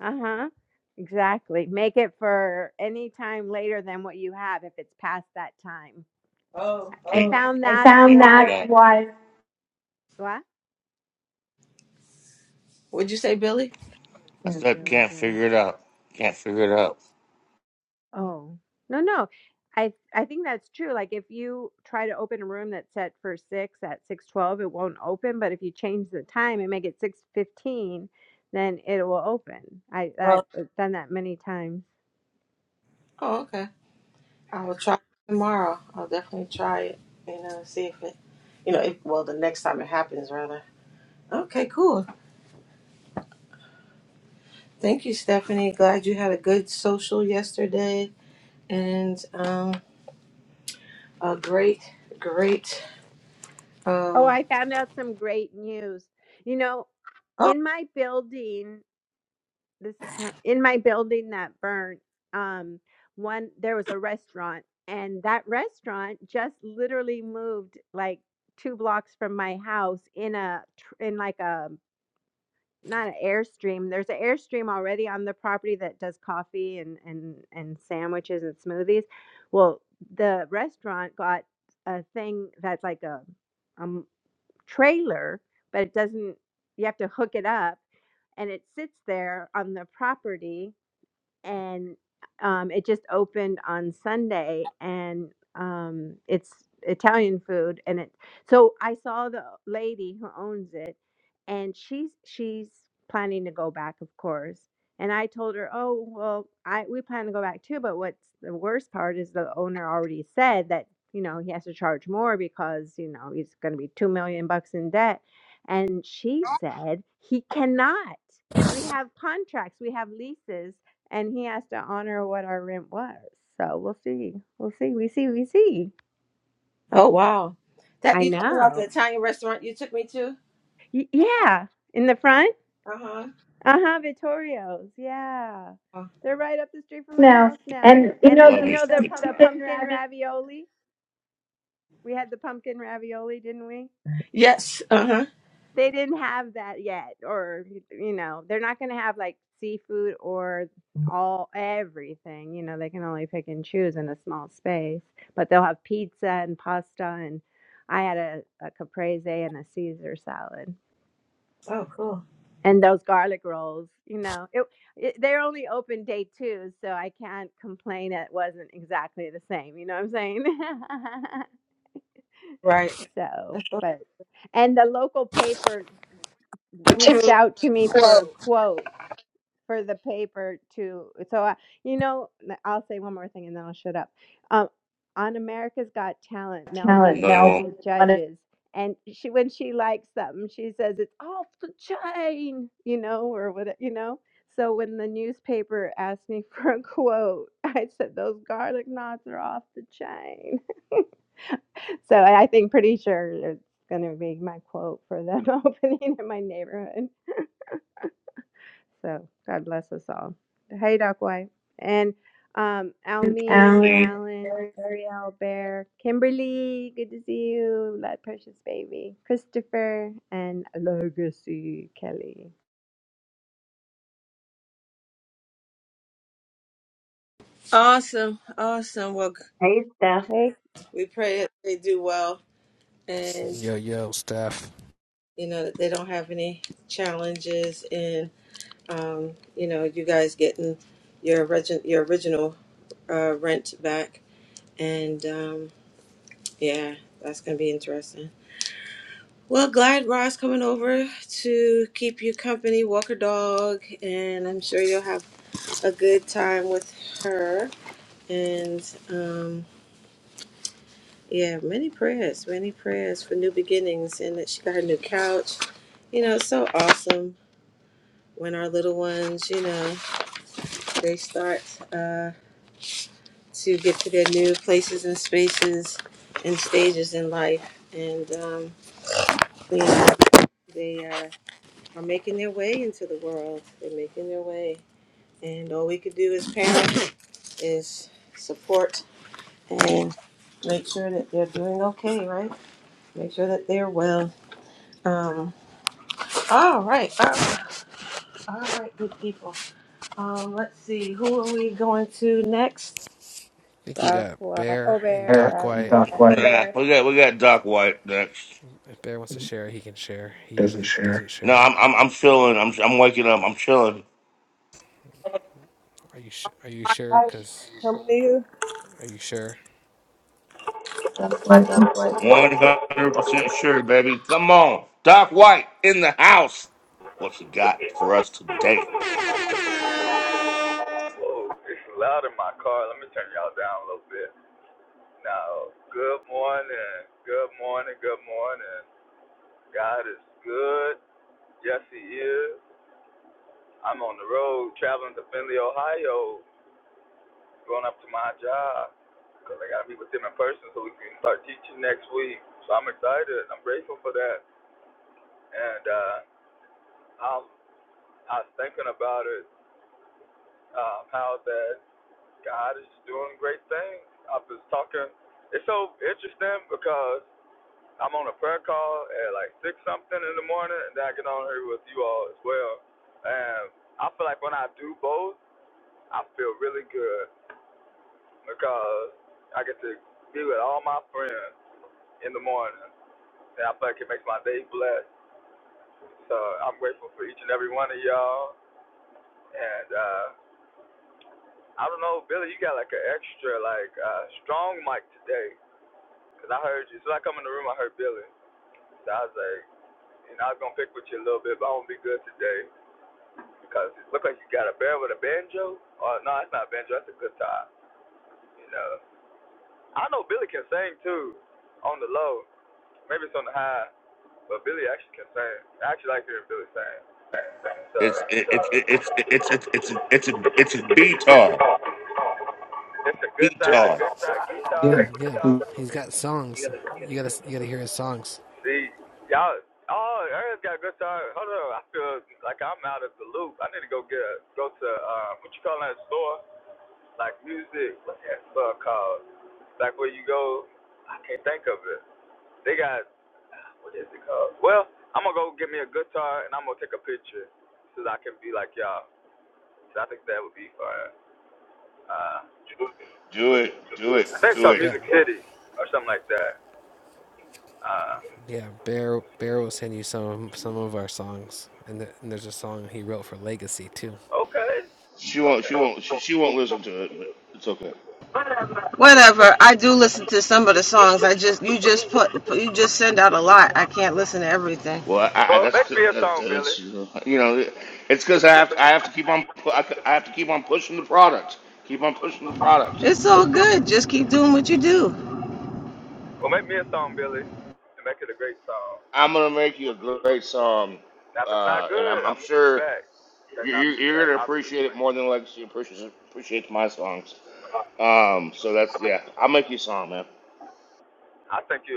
H: Uh-huh. Exactly. Make it for any time later than what you have if it's past that time.
A: Oh.
H: I
F: Can't Oh,
H: found
F: I
H: that's
F: found figure it
H: why
F: that out. was
H: what?
A: What'd you say, Billy?
F: I said
H: Yeah,
F: can't
H: really.
F: figure it out. Can't figure it out.
H: Oh. No, no. I I think that's true. Like if you try to open a room that's set for 6 at 6:12, it won't open, but if you change the time and make it 6:15, then it will open. I
A: Uh,
H: I've uh, done that many times.
A: Oh, okay. I will try it tomorrow. I'll definitely try it. You know, see if it, you know, if, well, the next time it happens, rather. Okay, cool. Thank you, Stephanie. Glad you had a good social yesterday and um, a great, great.
H: Oh,
A: Um,
H: I found out some great news. You know, in my building this is kind in my building that burnt um one there was a restaurant and that restaurant just literally moved like two blocks from my house in a tr- in like a not an airstream there's an airstream already on the property that does coffee and and and sandwiches and smoothies well the restaurant got a thing that's like a um trailer but it doesn't you have to hook it up and it sits there on the property and um, it just opened on Sunday, and um, it's Italian food, and it. So I saw the lady who owns it, and she's she's planning to go back, of course. And I told her, oh well, I we plan to go back too. But what's the worst part is the owner already said that you know he has to charge more because you know he's going to be two million bucks in debt, and she said he cannot. We have contracts, we have leases and he has to honor what our rent was. So we'll see. We'll see. We see. We see.
A: Oh wow. That
H: I
A: you talking about the
H: know.
A: Italian restaurant you took me to?
H: Y- yeah. In the front?
A: Uh-huh.
H: Uh huh. Vittorio's. Yeah.
A: Oh.
H: They're right up the street from my
F: no,
H: house now.
F: and you
H: And
F: know Love the
H: you
F: me
H: know
F: some
H: the,
F: the
H: the
F: pumpkin
H: pumpkin
F: rabbit
H: ravioli? We had the pumpkin ravioli, didn't we?
A: Yes. Uh-huh.
H: They didn't have that yet, or y you know, they're not gonna have, like, seafood or all everything, you know, they can only pick and choose in a small space, but they'll have pizza and pasta, and I had a a caprese and a Caesar salad,
A: Oh cool.
H: and those garlic rolls, you know, it it they're only open day 2, so I can't complain that it wasn't exactly the same, you know what I'm saying?
A: Right.
H: So,
A: That's so-
H: but and the local paper reached out to me for a quote for the paper to so I, you know i i'll say one more thing and then i'll shut up um, on america's got talent mel
F: talent
H: b is
F: No, you
H: one
F: That'll
H: of
F: won't.
H: the
F: Melvin one of
H: judges and she when she likes something she says it's off the chain you know or what you know so when the newspaper asked me for a quote i said those garlic knots are off the chain so i I think pretty sure it's going to be my quote for them opening in my neighborhood so God bless us all. Hey, Doc White. And um,
F: See,
H: Almeen,
F: Alan.
H: Alan, Ariel, Bear, Kimberly, good to see you. That precious baby. Christopher and Legacy Kelly.
A: Awesome. Awesome. Well g-
E: Hey, Steph.
H: Hey,
A: we pray that they do well and
G: yo, yo, Steph. I
A: you know that they don't have any challenges and um, you know, you guys getting your origin your original uh rent back and um yeah, that's gonna be interesting. Well, glad Rod's coming over to keep you company, walk her dog, and I'm sure you'll have a good time with her. And um, yeah, many prayers, many prayers for new beginnings, and that she got her new couch. You know, it's so awesome when our little ones, you know, they start uh, to get to their new places and spaces and stages in life, and um, you know, they uh, are making their way into the world. They're making their way. And all we could do as parents is support and make sure that they're doing okay, right? Make sure that they're well. Um, all right, all right, all right, good people. Um, let's see, who are we going to next?
G: think we
H: Doc
G: got
H: White. Oh,
G: Bear and
H: Bear.
G: Doc
F: Share.
G: White.
F: Doc White yeah, we got we got Doc White next.
G: If Bear wants to share, he can share. He
F: doesn't
G: usually
F: share.
G: doesn't
F: No,
G: share.
F: I'm I'm I'm chilling. I'm I'm waking up. I'm chilling.
G: Are you sh- are you sure? Cause are you sure?
F: 100% sure, baby. Come on. Doc White in the house. What's he got for us today?
I: Whoa, it's loud in my car. Let me turn y'all down a little bit. Now, good morning, good morning, good morning. God is good. Yes, He is. I'm on the road traveling to Findlay, Ohio, going up to my job because I got to meet with them in person so we can start teaching next week. So I'm excited. I'm grateful for that. And uh, I'm, I was thinking about it, um, how that God is doing great things. I was talking. It's so interesting because I'm on a prayer call at like six something in the morning, and then I get on here with you all as well. And I feel like when I do both, I feel really good because I get to be with all my friends in the morning, and I feel like it makes my day blessed. So I'm grateful for each and every one of y'all. And uh, I don't know, Billy, you got like an extra like uh, strong mic today, 'cause I heard you. So I come in the room, I heard Billy. So I was like, you know, I was gonna pick with you a little bit, but I won't be good today. Because it looked like you got a bear with a banjo. Oh, no, it's not a banjo. That's a guitar. You know, I know Billy can sing too, on the low. Maybe it's on the high, but Billy actually can sing. I actually like hearing Billy sing. So
F: It's it, it, it, it's it's it's it's a it's a it's a B-tar.
I: it's a good side,
F: B-tar.
I: a guitar.
F: Do it,
G: Yeah, he's got
I: You
G: songs.
I: gotta, you gotta
G: You
I: hear
G: gotta
I: it.
G: you gotta hear his songs.
I: See, y'all. Oh, Aaron's got a good guitar. Hold on, I feel like I'm out of the loop. I need to go get a, go to um, what you call that store? Like music. What's that store called? Like where you go? I can't think of it. They got what is it called? Well, I'm gonna go get me a guitar and I'm gonna take a picture so that I can be like y'all. So I think that would be fire. Uh,
F: do
I: I
F: it,
I: think it's
F: do
I: called
F: it.
G: Yeah,
I: Music City or something like that. Uh,
G: yeah. Bear Bear will send you some some of our songs, and, the, and there's a song he wrote for Legacy too.
I: okay,
F: She won't,
I: okay.
F: she won't, she, she won't listen to it, but it's okay.
A: Whatever. I do listen to some of the songs. I just you just put put- you just send out a lot. I can't listen to everything.
F: Well, I, I
I: Well,
F: that's
I: make me a
F: that's
I: song, Billy.
F: that's, you know, it's because I have I have to keep on pu- I, I have to keep on pushing the product, keep on pushing the product.
A: It's all good. Just keep doing what you do.
I: Well, make me a song, Billy, and make it a great song.
F: I'm gonna make you a great song,
I: Now, if it's not
F: uh, and
I: good,
F: I'm, I'm
I: I'm putting it
F: sure
I: back. That's
F: you're, you
I: not the
F: you're
I: plan.
F: gonna
I: I'll just
F: appreciate it
I: play.
F: more than Legacy appreciates appreciates my songs. Um, so
I: I
F: that's yeah, I'll make you a song, man.
I: think you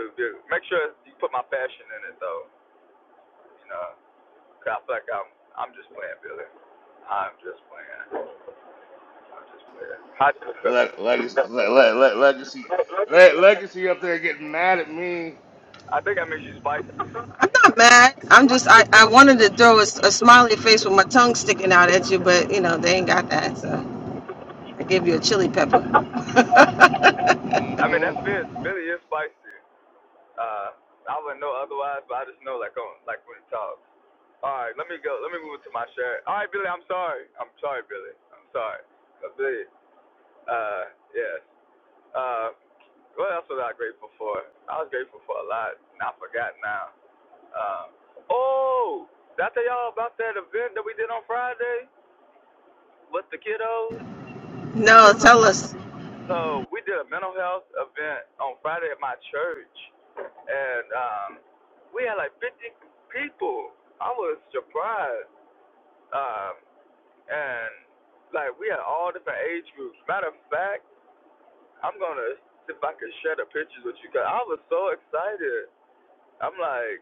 I: make sure you put my passion in it though. You know. Cause I feel like I'm I'm just playing, Billy. I'm just playing. I'm just playing. I,
F: Leg legacy, le, le, le, legacy,
I: What you
F: le,
I: feel
F: legacy up there getting mad at me.
I: I think that makes you spicy.
A: I'm not mad. I'm just I, I wanted to throw a, s- a smiley face with my tongue sticking out at you, but you know they ain't got that, so I gave you a chili pepper.
I: I mean, that
F: Mm-hmm.
I: fits. Billy is spicy. Uh, I wouldn't know otherwise, but I just know like on like when he talks. All right, let me go. Let me move to my shirt. All right, Billy, I'm sorry. I'm sorry, Billy. I'm sorry, but Billy. Uh, yes. Uh, What else was I grateful for? I was grateful for a lot, and I forgot now. Um, oh, did I tell y'all about that event that we did on Friday with the kiddos?
A: No, tell us,
I: So we did a mental health event on Friday at my church, and um, we had like 50 people. I was surprised, um, and like we had all different age groups. Matter of fact, I'm gonna see if I can share the pictures with you guys. I was so excited. I'm like,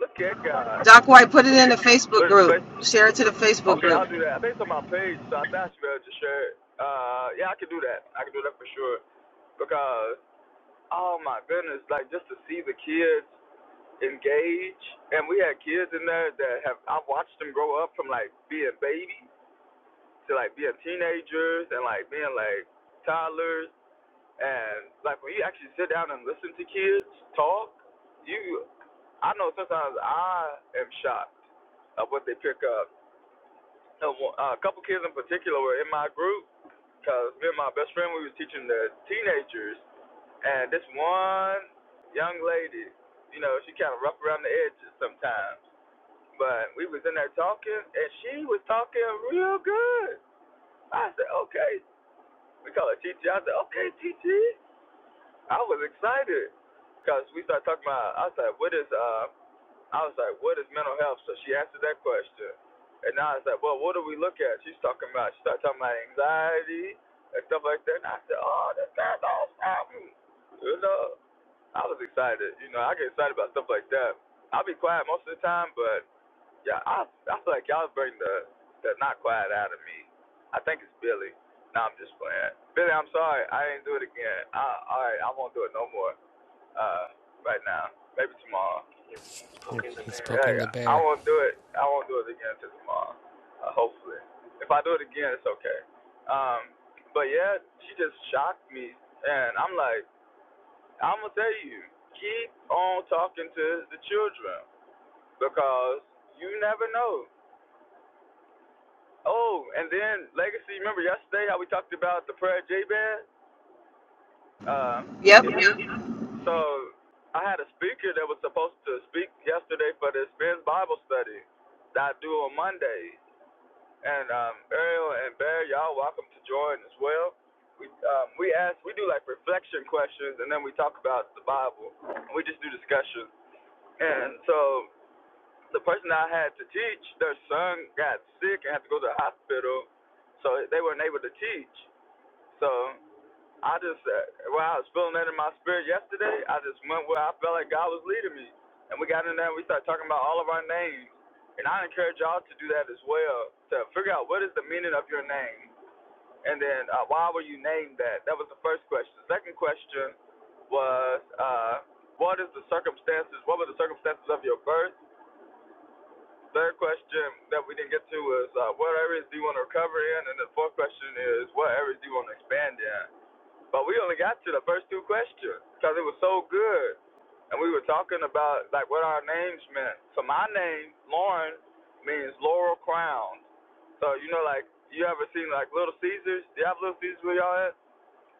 I: Look at God.
A: Doc White, put it in the Facebook
I: There's
A: group. Share it to the Facebook
I: okay, I'll
A: group.
I: do that. I think it's on my page, so I thought you better just share it. Uh, yeah, I can do that. I can do that for sure. Because, oh my goodness, like just to see the kids engage, and we had kids in there that have I watched them grow up from like being babies to like being teenagers and like being like toddlers, and like when you actually sit down and listen to kids talk, you, I know sometimes I am shocked of what they pick up No, well, uh, a couple kids in particular were in my group because me and my best friend we was teaching the teenagers, and this one young lady, you know, she kind of rough around the edges sometimes, but we was in there talking, and she was talking real good. I said, okay, we call her TT. I said, okay, TT. I was excited because we started talking about. I said, what is uh? I was like, what is mental health? So she answered that question. And I was like, well, what do we look at? She's talking about, she started talking about anxiety and stuff like that. And I said, oh, that's not all problem. You know, I was excited. You know, I get excited about stuff like that. I'll be quiet most of the time, but yeah, I, I feel like y'all bring the, the not quiet out of me. I think it's Billy. No, I'm just playing. Billy, I'm sorry. I didn't do it again. I, all right, I won't do it no more uh, right now. Maybe tomorrow. You're
G: Yep.
I: poking the
G: He's
I: bear.
G: poking the
I: Like, I
G: bear.
I: won't do it. I won't do it again until tomorrow. Uh, hopefully, if I do it again, it's okay. Um, but yeah, she just shocked me, and I'm like, I'm gonna tell you, keep on talking to the children because you never know. Oh, and then legacy. Remember yesterday how we talked about the prayer Jabez? Um,
A: Yep.
I: is here.
A: Yep.
I: So I had a speaker that was supposed to speak yesterday for the Experience Bible study that I do on Monday. And um, Ariel and Bear, y'all welcome to join as well. We um, we ask we do like reflection questions and then we talk about the Bible. And we just do discussion. And so the person I had to teach, their son got sick and had to go to the hospital, so they weren't able to teach. So I just, uh, well, I was feeling that in my spirit yesterday. I just went where I felt like God was leading me. And we got in there and we started talking about all of our names. And I encourage y'all to do that as well, to figure out what is the meaning of your name. And then uh, why were you named that? That was the first question. The Second question was, uh, what is the circumstances? What were the circumstances of your birth? Third question that we didn't get to was, uh, what areas do you want to recover in? And the fourth question is, what areas do you want to expand in? But we only got to the first two questions because it was so good. And we were talking about like what our names meant. So my name, Lauren, means laurel crown. So you know, like you ever seen like Little Caesars? Do you have Little Caesars where y'all at?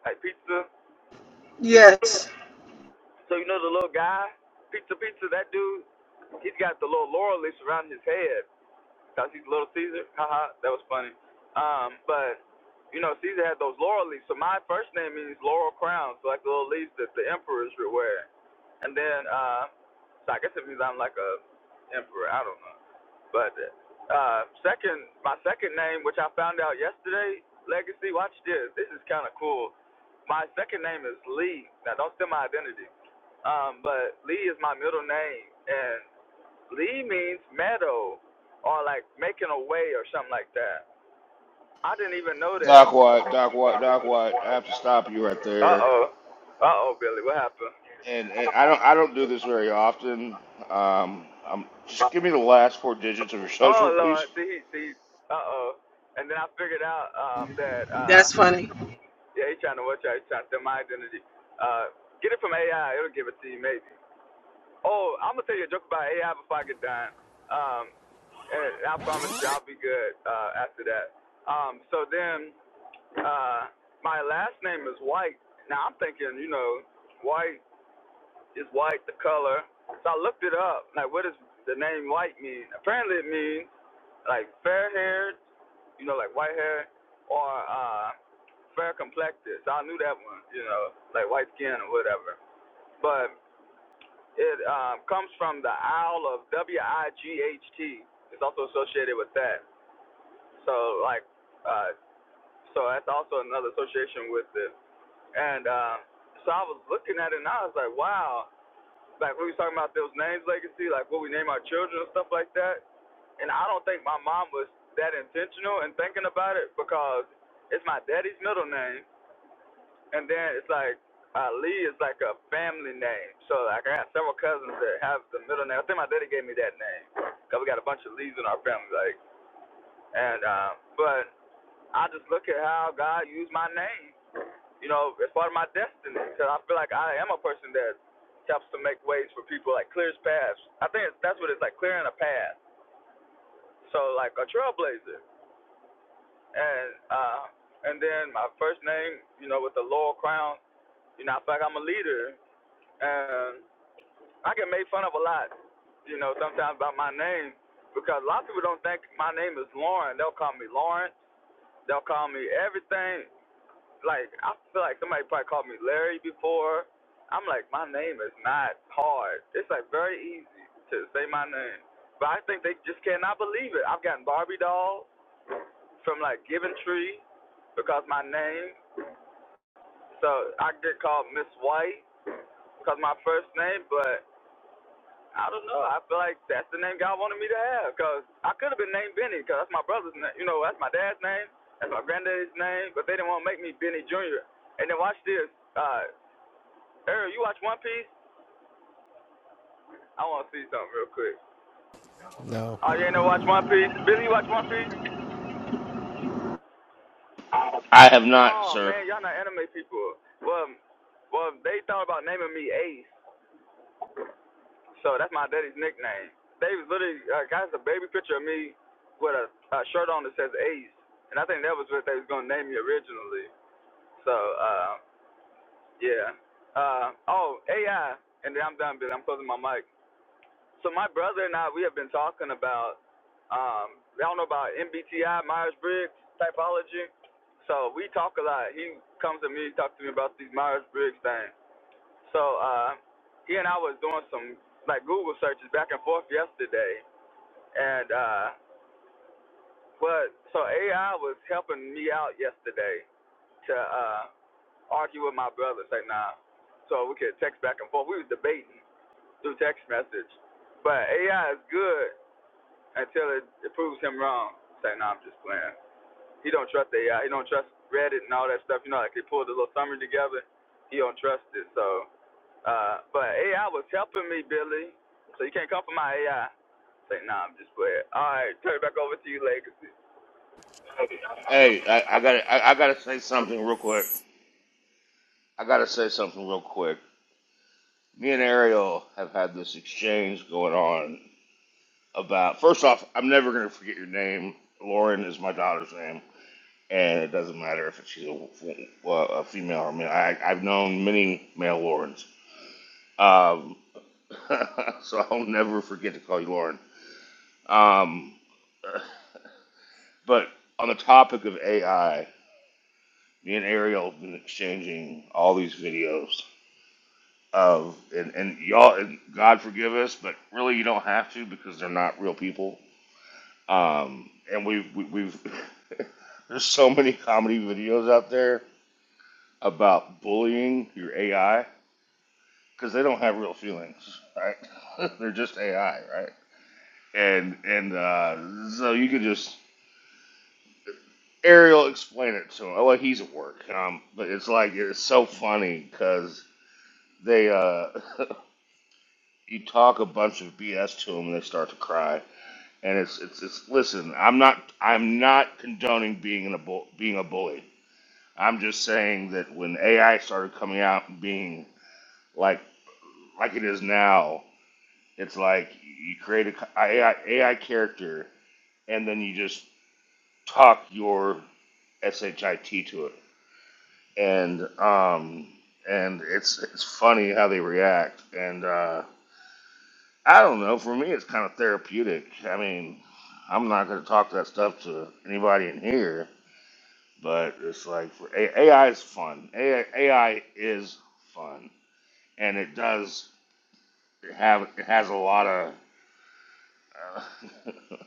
I: Like pizza. Yes.
A: Yes,
I: So you know the little guy, pizza, pizza. That dude, he's got the little laurel leaves around his head because he's Little Caesar. Haha, that was funny. Um, but you know, Caesar had those laurel leaves. So my first name means laurel crown. So like the little leaves that the emperors would wear. And then, uh, so I guess it means I'm like a emperor. I don't know. But uh, second, my second name, which I found out yesterday, Legacy. Watch this. This is kind of cool. My second name is Lee. Now, don't steal my identity. Um, but Lee is my middle name, and Lee means meadow, or like making a way, or something like that. I didn't even know that.
F: Doc White, Doc White, Doc White. I have to stop you right
I: Uh
F: there.
I: oh. Uh oh, Billy. What happened?
F: And and I don't I don't do this very often. Um, um, just give me the last four digits of your
I: Oh
F: social, please.
I: Lord, see, see, uh oh. And then I figured out um, that uh,
A: that's funny.
I: yeah, he's trying to watch out. He's trying to steal my identity. Uh, get it from AI. It'll give it to you, maybe. Oh, I'm gonna tell you a joke about AI before I get done. Um, and I promise you, I'll be good uh, after that. Um, so then, uh, my last name is White. Now I'm thinking, you know, White is white, the color. So I looked it up. Like, what does the name White mean? Apparently, it means like fair-haired you know, like white hair or uh, fair complected. So I knew that one, you know, like white skin or whatever. But it um, comes from the Isle of W I G H T. It's also associated with that. So like, uh, so that's also another association with it. And um, so I was looking at it and I was like, wow. Like we was talking about those names legacy, like what we name our children and stuff like that. And I don't think my mom was that intentional in thinking about it because it's my daddy's middle name And then it's like Ali is like a family name. So like I got several cousins that have the middle name. I think my daddy gave me that name because we got a bunch of Lees in our family. Like and uh, but I just look at how God used my name. You know, as part of my destiny, because I feel like I am a person that helps to make ways for people, like clears paths. I think it's, that's what it's like, clearing a path. So like a trailblazer, and uh, and then my first name, you know, with the laurel crown, you know, I feel like I'm a leader, and. I get made fun of a lot, you know, sometimes about my name because a lot of people don't think my name is Lauren. They'll call me Lawrence. They'll call me everything. Like I feel like somebody probably called me Larry before. I'm like, my name is not hard. It's like very easy to say my name. But I think they just cannot believe it. I've gotten Barbie dolls from like Givenchy because my name. So I get called Miss White because my first name, but I don't know. I feel like that's the name God wanted me to have because I could have been named Benny because that's my brother's name. You know, that's my dad's name. That's my granddad's name. But they didn't want to make me Benny Jr. And then watch this. Uh, Errol, you watch One Piece? I want to see something real quick.
G: No.
I: Oh, you ain't never watch One Piece? Billy, you watch One Piece?
F: I have not,
I: Oh
F: sir.
I: man, y'all not anime people. Well, well, they thought about naming me Ace, So that's my daddy's nickname. They was literally uh, got a baby picture of me with a, a shirt on that says Ace, and I think that was what they was gonna name me originally. So uh, yeah. Uh, oh AI, and then I'm done, but I'm closing my mic. So my brother and I we have been talking about um, I don't know about MBTI Myers Briggs typology. So we talk a lot. He comes to me, he talks to me about these Myers Briggs things. So uh, he and I was doing some like Google searches back and forth yesterday, and uh, but so AI was helping me out yesterday to uh, argue with my brother, say nah, so we could text back and forth. We was debating through text message, but AI is good until it, it proves him wrong. Say nah, I'm just playing. He don't trust AI. He don't trust Reddit and all that stuff. You know, like they pulled a little summary together. He don't trust it, so. Uh, but AI was helping me, Billy. So you can't come for my AI. Say, nah, I'm just playing. All right, turn it back over to you, Legacy.
F: Hey,
I: Hey,
F: I, I gotta, I, I gotta say something real quick. I gotta say something real quick. Me and Ariel have had this exchange going on about. First off, I'm never gonna forget your name. Lauren is my daughter's name, and it doesn't matter if she's a, uh, a female or male. I, I've known many male Laurens, um, so I'll never forget to call you Lauren. Um, but on the topic of AI, me and Ariel have been exchanging all these videos of and, and y'all and God forgive us, but really you don't have to because they're not real people. Um, and we've we, we've there's so many comedy videos out there about bullying your AI because they don't have real feelings, right? they're just AI, right? And and uh, so you could just Ariel explain it to him. Oh, well, he's at work, um, but it's like it's so funny because they uh, you talk a bunch of BS to them and they start to cry And it's it's it's listen, I'm not I'm not condoning being in a bull, being a bully. I'm just saying that when AI started coming out and being like like it is now, it's like you create a co- AI, AI character and then you just talk your shit to it, and um and it's it's funny how they react, and uh, I don't know. For me, it's kind of therapeutic. I mean, I'm not going to talk that stuff to anybody in here, but it's like for A- AI is fun. AI, is fun, and it does have it has a lot of uh,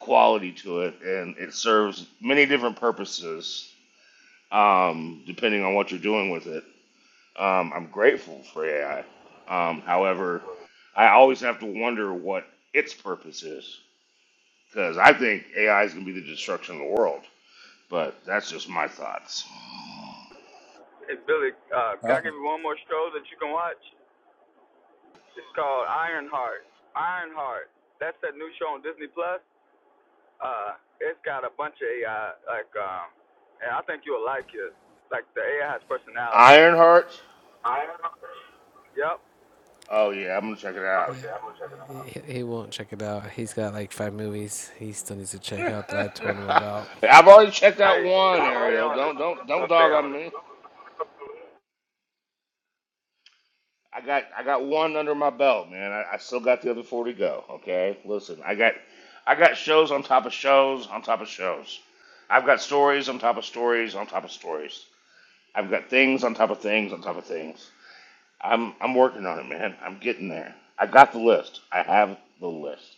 F: quality to it, and it serves many different purposes um, depending on what you're doing with it. Um, I'm grateful for AI. Um, however, I always have to wonder what its purpose is because I think AI is going to be the destruction of the world. But that's just my thoughts.
I: Billy, uh, can
J: Uh,
I: I give you one more show that you can watch? It's called Ironheart. Ironheart. That's that new show on Disney Plus. Uh, it's got a bunch of AI, like, um, and I think you'll like it. Like, the AI has personality.
F: Ironheart.
I: Ironheart? Yep.
F: Oh yeah, I'm gonna check it out.
G: Yeah,
I: Okay, I'm gonna check it out.
G: he, he won't check it out. He's got like five movies he still needs to check out that I told him about.
F: I've already checked out
I: Hey,
F: one,
I: stay
F: Ariel.
I: on it.
F: Don't don't don't
I: Gonna stay
F: dog
I: on
F: on
I: it.
F: me. I got I got one under my belt, man. I, I still got the other four to go. Okay, listen, I got I got shows on top of shows on top of shows. I've got stories on top of stories on top of stories. I've got things on top of things on top of things. I'm I'm working on it, man. I'm getting there. I got the list. I have the list.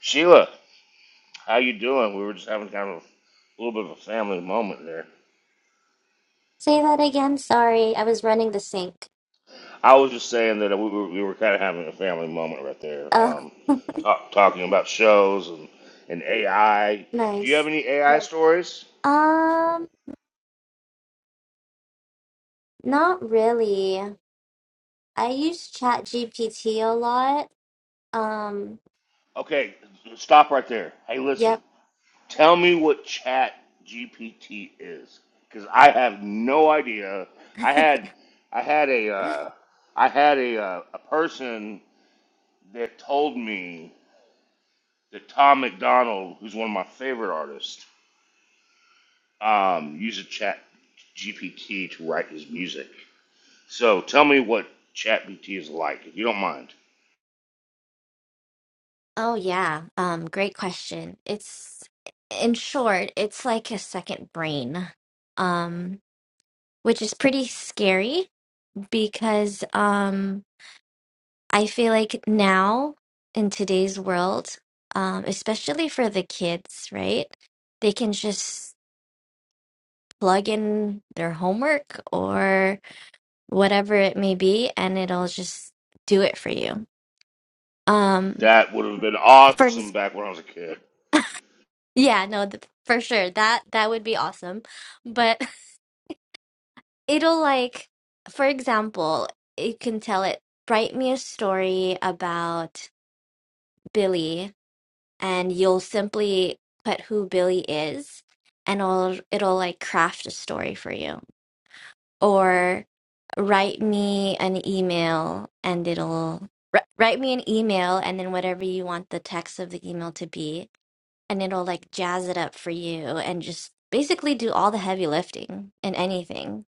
F: Sheila, how you doing? We were just having kind of a little bit of a family moment there.
K: Say that again. Sorry, I was running the sink.
F: I was just saying that we were, we were kind of having a family moment right there,
K: Oh,
F: um, talk, talking about shows and, and AI. Do you have
K: nice.
F: any AI stories?
K: Um, not really. I use ChatGPT a lot. Um,
F: Okay, stop right there. Hey, listen.
K: yep.
F: Tell me what Chat GPT is, because I have no idea. I had I had a uh, I had a uh, a person that told me that Tom McDonald, who's one of my favorite artists, um, uses Chat GPT to write his music. So tell me what Chat GPT is like, if you don't mind.
K: Oh yeah. Um, great question. It's in short, it's like a second brain. Um, which is pretty scary because um I feel like now in today's world, um, especially for the kids, right? They can just plug in their homework or whatever it may be and it'll just do it for you um
F: That would have been
K: for
F: awesome
K: ex-
F: back when I was a kid.
K: yeah no th- for sure that that would be awesome but it'll like for example it can tell it write me a story about billy and you'll simply put who billy is and it'll it'll like craft a story for you or write me an email and it'll wri- write me an email and then whatever you want the text of the email to be and it'll like jazz it up for you and just basically do all the heavy lifting in anything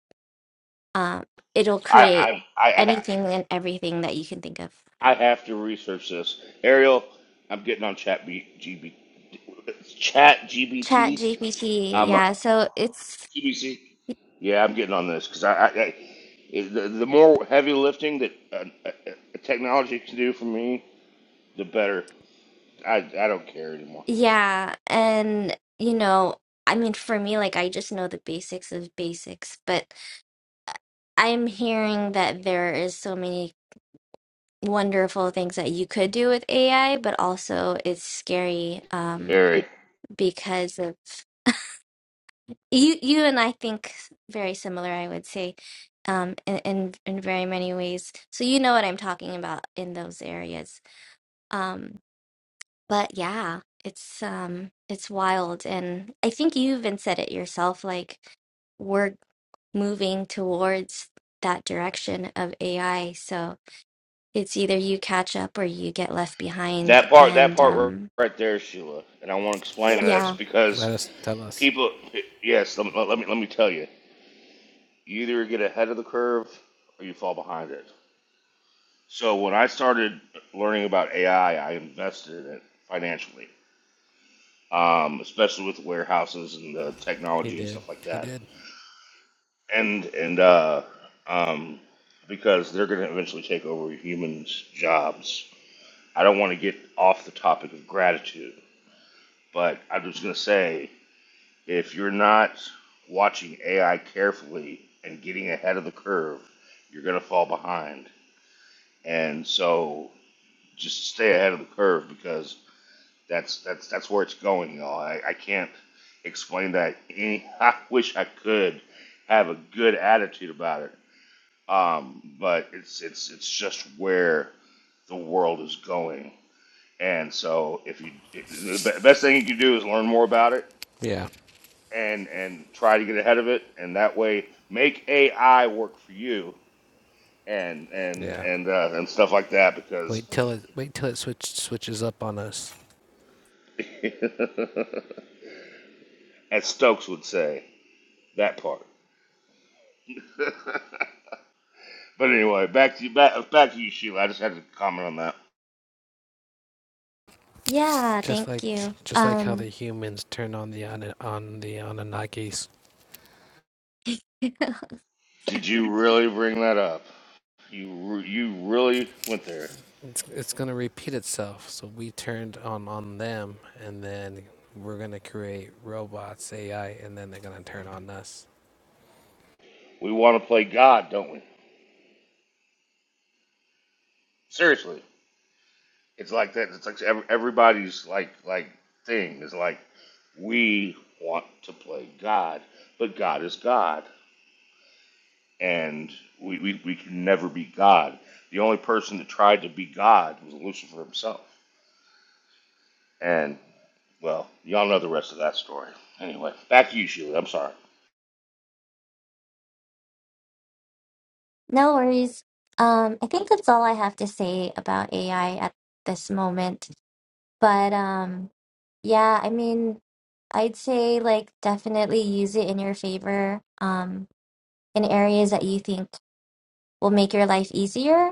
K: um it'll create
F: I I I,
K: anything and everything that you can think of
F: I have to research this. Ariel, I'm getting on Chat B, GB, Chat G
K: chat
F: B
K: gpt
F: am uh,
K: yeah so it's
F: GBC. Yeah, I'm getting on this because I, I, I it- the, the more heavy lifting that uh, uh, uh, technology can do for me, the better. I, I don't care anymore.
K: yeah and you know i mean for me like i just know the basics of basics but I'm hearing that there is so many wonderful things that you could do with AI, but also it's scary um,
F: Very
K: because of you. You and I think very similar, I would say, um, in, in in very many ways. So you know what I'm talking about in those areas. Um, but yeah, it's um, it's wild, and I think you even said it yourself. Like we're moving towards that direction of AI. So it's either you catch up or you get left behind
F: that part that
K: and
F: part r-
K: um
F: right there, Sheila, and I want to explain this
K: yeah
F: because
G: Let us tell us.
F: people. Yes, let me, let me let me tell you. You either get ahead of the curve or you fall behind it. So when I started learning about AI, I I invested in it financially, um, especially with warehouses and the
G: He
F: technology and
G: did.
F: stuff like
G: He
F: that.
G: did.
F: And and uh, um, because they're going to eventually take over humans' jobs. I don't want to get off the topic of gratitude, but I'm just going to say if you're not watching AI carefully and getting ahead of the curve, you're going to fall behind. And so just stay ahead of the curve because That's that's that's where it's going, y'all. I, I can't explain that. Any, I wish I could have a good attitude about it, um, but it's it's it's just where the world is going. And so, if you the be- best thing you can do is learn more about it
G: Yeah,
F: and and try to get ahead of it, and that way make AI work for you and and
G: yeah.
F: and uh, and stuff like that. Because,
G: Wait till it. Wait till it switch, switches up on us.
F: as Stokes would say, that part. But anyway, back to you, back, back to you, Sheila. I just had to comment on that.
K: yeah thank
G: Just like,
K: you
G: just like how
K: um
G: the humans turn on the Ana- on the Anunnakis.
F: Did you really bring that up? You re- you really went there.
G: It's it's gonna repeat itself. So we turned on on them, and then we're gonna create robots, AI, and then they're gonna turn on us.
F: We want to play God, don't we? Seriously, it's like that. It's like every- everybody's like like thing is like we want to play God, but God is God, and we, we, we can never be God. The only person that tried to be God was Lucifer himself, and well, y'all know the rest of that story. Anyway, back to you, Sheila. I'm sorry.
K: no worries um i think that's all i have to say about ai at this moment but um yeah i mean i'd say like definitely use it in your favor um in areas that you think will make your life easier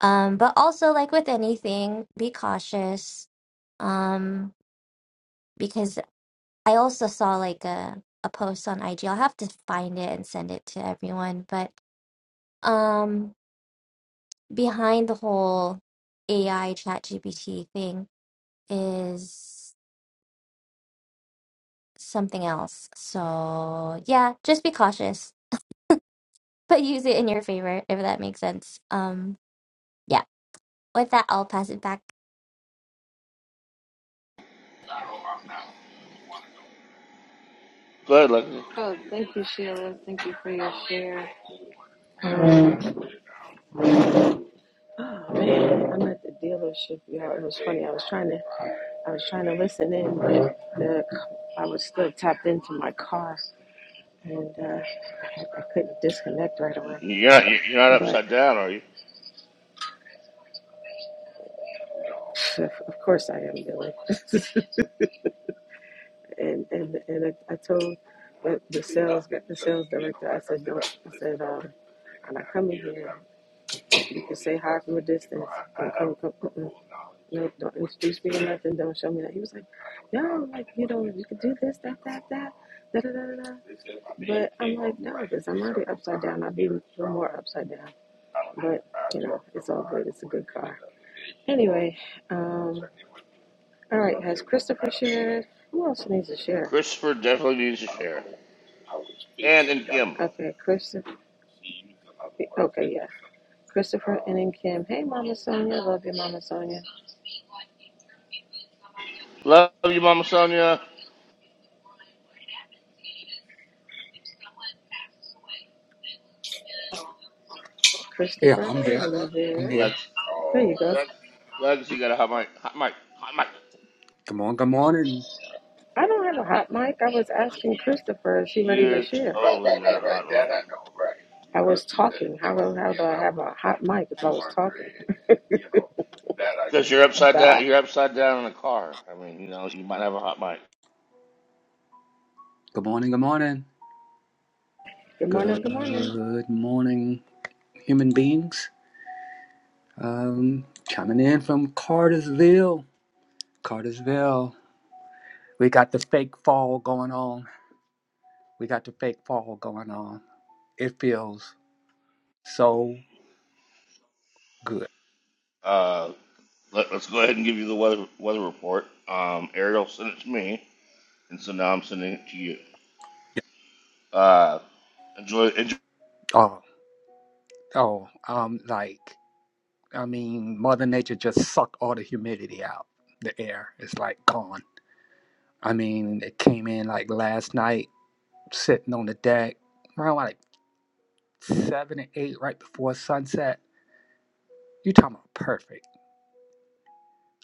K: um but also like with anything be cautious um because I also saw like a a post on IG. I'll have to find it and send it to everyone. But um, behind the whole AI chat GPT thing is something else. So yeah, just be cautious, but use it in your favor if that makes sense. Um, yeah. With that, I'll pass it back.
F: Good. Like,
A: Oh, thank you, Sheila. Thank you for your share. Oh man, I'm at the dealership, y'all. It was funny. I was trying to, I was trying to listen in, but the, I was still tapped into my car, and uh, I, I couldn't disconnect right away.
F: you're not you're not
A: But
F: upside down, are you?
A: of of course I am doing. and and and I, I told the, the sales the sales director. I said, do I said, um, when I come in here, you can say hi from a distance. Don't come, come, mm-mm. no, don't introduce me or nothing. Don't show me that. He was like, no, like you know, you can do this, that, that, that, da da da da. da. But I'm like, no, because I'm already upside down. I'd be even more upside down. But you know, it's all good. It's a good car. Anyway, um. All right, has Christopher shared? Who else needs to share?
F: Christopher definitely needs to share. And and Kim,
A: Okay, Christopher. Okay, yeah. Christopher and then Kim. Hey, Mama Sonia. Love you, Mama Sonia.
F: love you, Mama Sonia.
J: yeah,
A: Christopher,
J: I'm here.
A: are you
J: I'm
A: there?
J: here.
F: Lex,
A: There you go.
F: Lex, you got a hot mic, hot mic, hot mic.
J: Good morning. Good morning.
A: I don't have a hot mic. I was asking Christopher, is she ready to
F: You
A: share?
F: totally got a hot mic
A: I would have a hot mic if I
F: because you're
A: would.
F: upside
A: Bye.
F: down. You're upside down in a car. I mean, you know, you might have a hot mic.
J: Good morning. Good morning.
A: Good morning. Good morning.
J: Good morning, human beings. Um, coming in from Cartersville. Cartersville. We got the fake fall going on. We got the fake fall going on. It feels so good.
F: Uh, let, us go ahead and give you the weather weather report. Um, Ariel sent it to me, and so now I'm sending it to you. Uh, enjoy, enjoy
J: Oh, oh, um, like I mean, Mother Nature just sucked all the humidity out. The air is like gone. I mean, it came in like last night. sitting on the deck around like seven and eight right before sunset. You talking about perfect.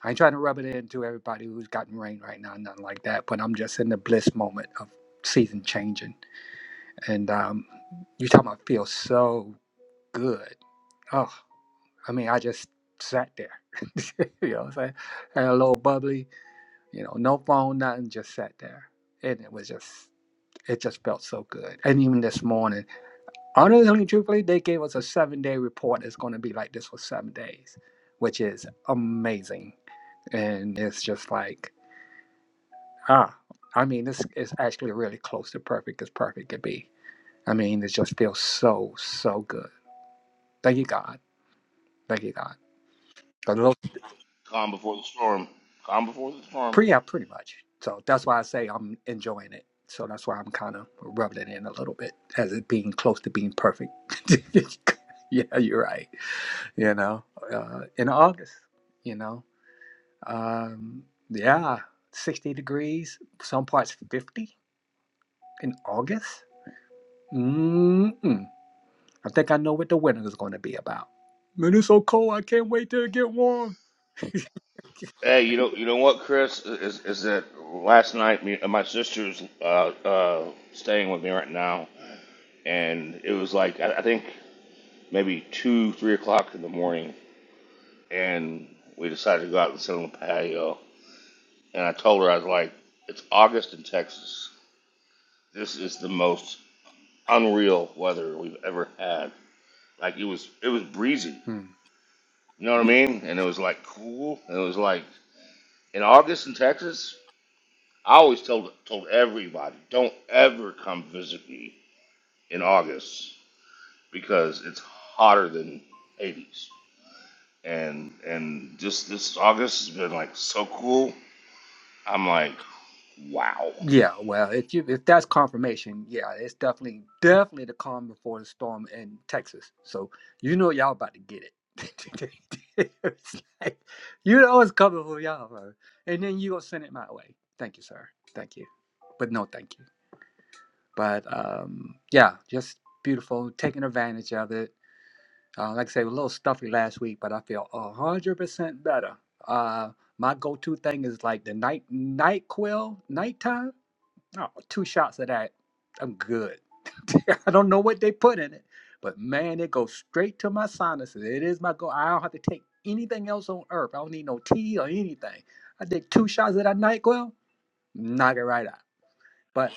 J: I ain't trying to rub it in to everybody who's gotten rain right now, nothing like that, but I'm just in the bliss moment of season changing. And um, you talking about feel so good. Oh, I mean, I just sat there. you know what I'm saying? Had a little bubbly, you know, no phone, nothing, just sat there. And it was just, it just felt so good. And even this morning, Honestly, truthfully, they gave us a seven day report. It's going to be like this for seven days, which is amazing. And it's just like, ah, I mean, this is actually really close to perfect as perfect could be. I mean, it just feels so, so good. Thank you, God. Thank you, God. A little
F: calm before the storm. Calm before the storm.
J: pre, yeah, pretty much. So that's why I say I'm enjoying it. So that's why I'm kind of rubbing it in a little bit as it being close to being perfect. yeah, you're right. You know, uh, in August, you know. Um, yeah, 60 degrees, some parts 50 in August. Mm-mm. I think I know what the winter is going to be about. Man, it's so cold. I can't wait till it get warm.
F: Hey, you know, you know what, Chris is is that last night me, uh, my sister's uh, uh, staying with me right now, and it was like I, I think maybe two, three o'clock in the morning, and we decided to go out and sit on the patio. And I told her I was like, "It's August in Texas. This is the most unreal weather we've ever had. Like it was, it was breezy.
J: Hmm.
F: You know what I mean? And it was like cool. And it was like in August in Texas. I always told told everybody, don't ever come visit me in August because it's hotter than 80s. And and just this August has been like so cool. I'm like, wow.
J: Yeah, well, if you if that's confirmation, yeah, it's definitely definitely the calm before the storm in Texas. So you know y'all about to get it. It's like, you know it's coming for y'all, bro. And then you gonna send it my way. Thank you, sir. Thank you, but no, thank you. But um, yeah, just beautiful, taking advantage of it. Uh, like I say, a little stuffy last week, but I feel a hundred percent better. Uh, my go-to thing is like the night night quill nighttime. Oh, two shots of that, I'm good. I don't know what they put in it, but man, it goes straight to my sinuses. It is my go. I don't have to take anything else on earth. I don't need no tea or anything. I take two shots of that night quill, knock it right out. But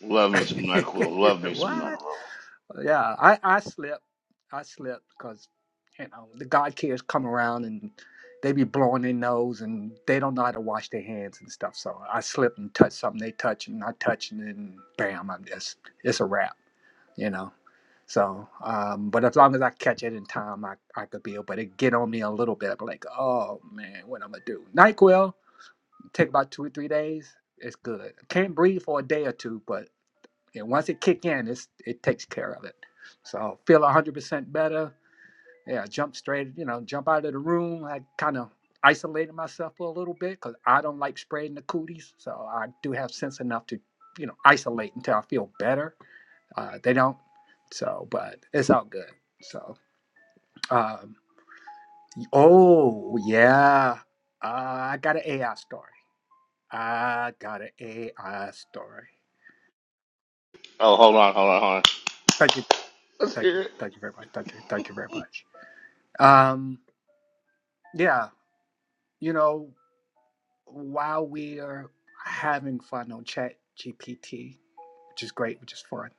F: Love me some NyQuil. Love me some NyQuil.
J: what? yeah, I I slipped. I slipped because you know the God kids come around and they be blowing their nose and they don't know how to wash their hands and stuff. So I slipped and touched something they touched and I touched and then bam, I'm just it's a wrap, you know. So, um, but as long as I catch it in time, I, I could be able to get on me a little bit. I'm like, oh man, what I'm gonna do? Nyquil take about two or three days. It's good. Can't breathe for a day or two, but and once it kick in, it's, it takes care of it. So feel 100% better. Yeah, jump straight, you know, jump out of the room. I kind of isolated myself for a little bit because I don't like spraying the cooties. So I do have sense enough to, you know, isolate until I feel better. Uh, they don't. So, but it's all good. So, um, oh, yeah. Uh, I got an AI story. I got an AI story.
F: Oh, hold on, hold on, hold on.
J: Thank you.
F: Let's
J: Thank you.
F: hear it.
J: Thank you very much. Thank you. Thank you very much. Um, Yeah, you know, while we are having fun on Chat GPT, which is great, which is fun,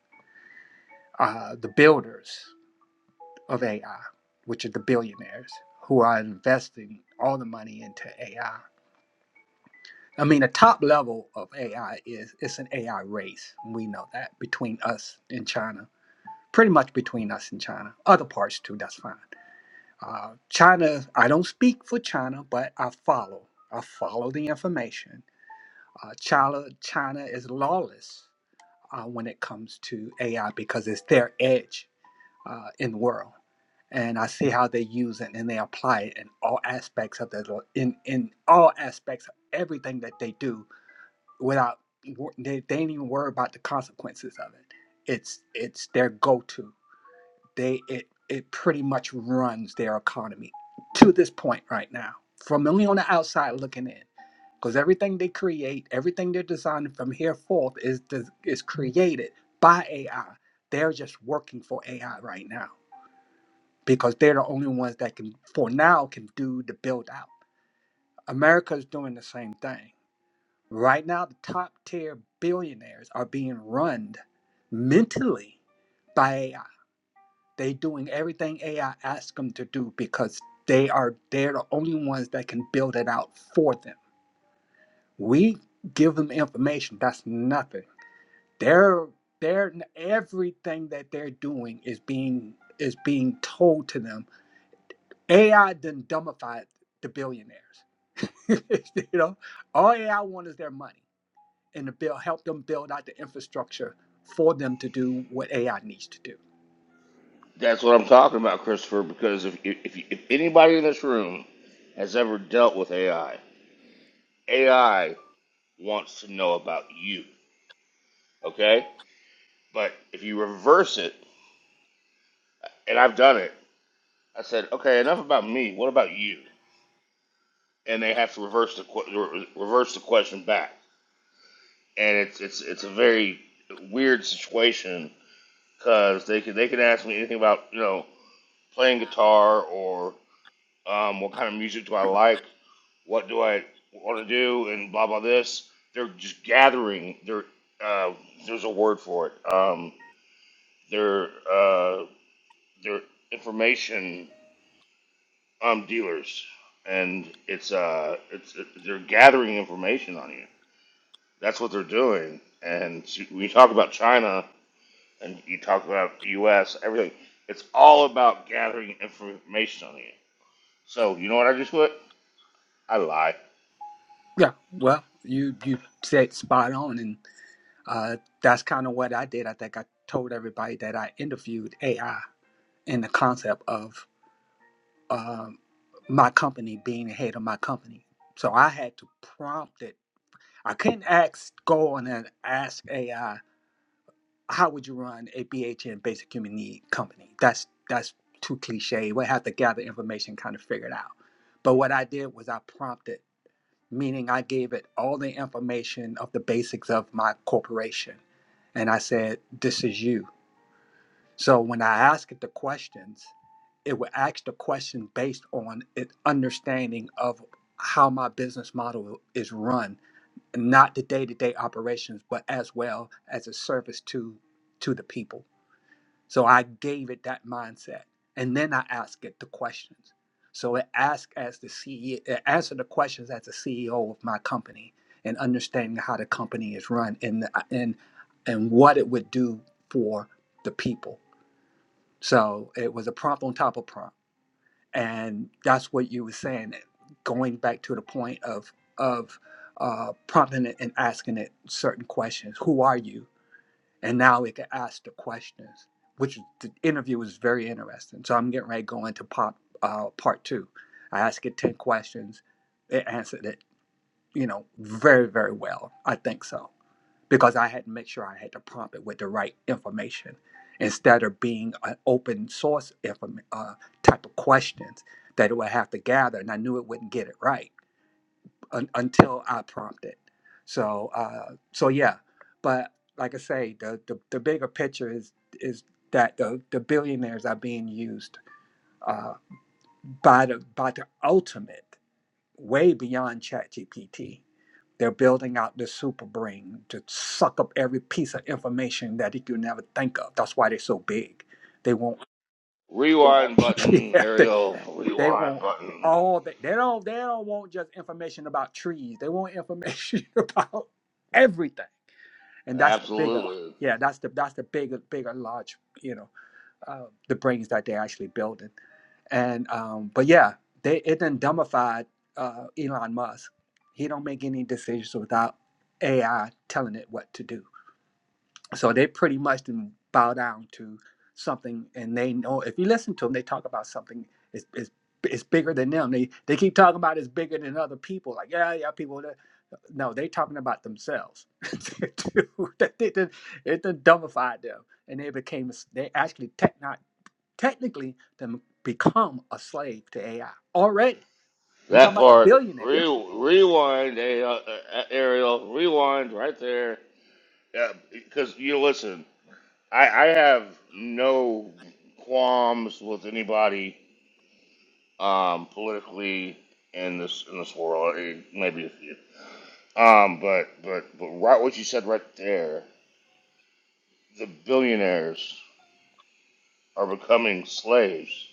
J: uh, the builders of AI, which are the billionaires who are investing all the money into AI. I I mean, the top level of AI is it's an AI race. We know that between us and China, pretty much between us and China. Other parts too, that's fine. Uh, China, I don't speak for China, but I follow. I follow the information Uh, China, China is lawless uh, when it comes to AI because it's their edge uh, in the world. And I see how they use it and they apply it in all aspects of the in in all aspects of everything that they do without wor- they, they ain't even worry about the consequences of it. It's it's their go to they it it pretty much runs their economy to this point right now from only on the outside looking in because everything they create everything they're designing from here forth is des- is created by ai they're just working for ai right now because they're the only ones that can for now can do the build out america's doing the same thing right now the top tier billionaires are being run mentally by AI. They doing everything AI asks them to do because they are they're the only ones that can build it out for them. We give them information. That's nothing. They're they're everything that they're doing is being is being told to them. AI then dumbified the billionaires. you know, all AI want is their money and to build help them build out the infrastructure for them to do what AI needs to do.
F: That's what I'm talking about, Christopher. Because if if, if anybody in this room has ever dealt with AI, AI wants to know about you. Okay, but if you reverse it and I've done it. I said, okay, enough about me. What about you? And they have to reverse the que- reverse the question back, and it's it's it's a very weird situation because they could they could ask me anything about you know playing guitar or um, what kind of music do I like, what do I want to do, and blah blah this. They're just gathering. They're uh, there's a word for it. Um, their uh, their information um, dealers, and it's uh, it's it, they're gathering information on you. That's what they're doing. And so when you talk about China and you talk about the U.S., everything, it's all about gathering information on you. So you know what I just put? I lie.
J: Yeah, well, you you said spot on, and Uh, that's kind of what I did. I think I told everybody that I interviewed AI in the concept of um, my company being the head of my company. So I had to prompt it. I couldn't ask, go on and ask AI, how would you run a BHN basic human need company? That's that's too cliche. We have to gather information, kind of figure it out. But what I did was I prompted, meaning I gave it all the information of the basics of my corporation. And I said, this is you So when I ask it the questions, it will ask the question based on an understanding of how my business model is run, not the day-to-day operations, but as well as a service to to the people. So I gave it that mindset, and then I ask it the questions. So it asked as the CEO, it answered the questions as the CEO of my company and understanding how the company is run and uh, and and what it would do for the people. So it was a prompt on top of prompt, and that's what you were saying. Going back to the point of of uh, prompting it and asking it certain questions. Who are you? And now it can ask the questions, which is- the interview was very interesting. So I'm getting ready to go into pop uh, part two. I asked it ten questions. It answered it, you know, very very well. I think so because I had to make sure I had to prompt it with the right information instead of being an open source inform- uh, type of questions that it would have to gather, and I knew it wouldn't get it right un- until I prompted. So, uh, so yeah, but like I say, the, the the bigger picture is is that the the billionaires are being used uh, by the by the ultimate way beyond ChatGPT. They're building out the super brain to suck up every piece of information that you can never think of. That's why they're so big. They want
F: Rewind button,
J: yeah, they,
F: Ariel.
J: they
F: Rewind
J: want
F: button.
J: all that they don't they don't want just information about trees. They want information about everything. And that's the bigger
F: Absolutely.
J: yeah, that's the that's the bigger bigger large, you know uh, the brains that they're actually building. And um, but yeah, they it done dumbified uh, Elon Musk. He don't make any decisions without AI telling it what to do. So they pretty much done bow down to something, and they know if you listen to them, they talk about something is is is bigger than them. They they keep talking about it's bigger than other people. Like yeah, yeah, people. That, no, they talking about themselves. Dude, they done, it done dumbified them, and they became they actually techno technically to become a slave to AI already. We're talking
F: That
J: about the
F: part.
J: billionaires.
F: Re- rewind, A- uh, uh, Ariel. Rewind right there. Yeah, because you listen. I, I have no qualms with anybody um, politically in this in this world. Eh, Maybe a few, um, but but but right what you said right there, the billionaires are becoming slaves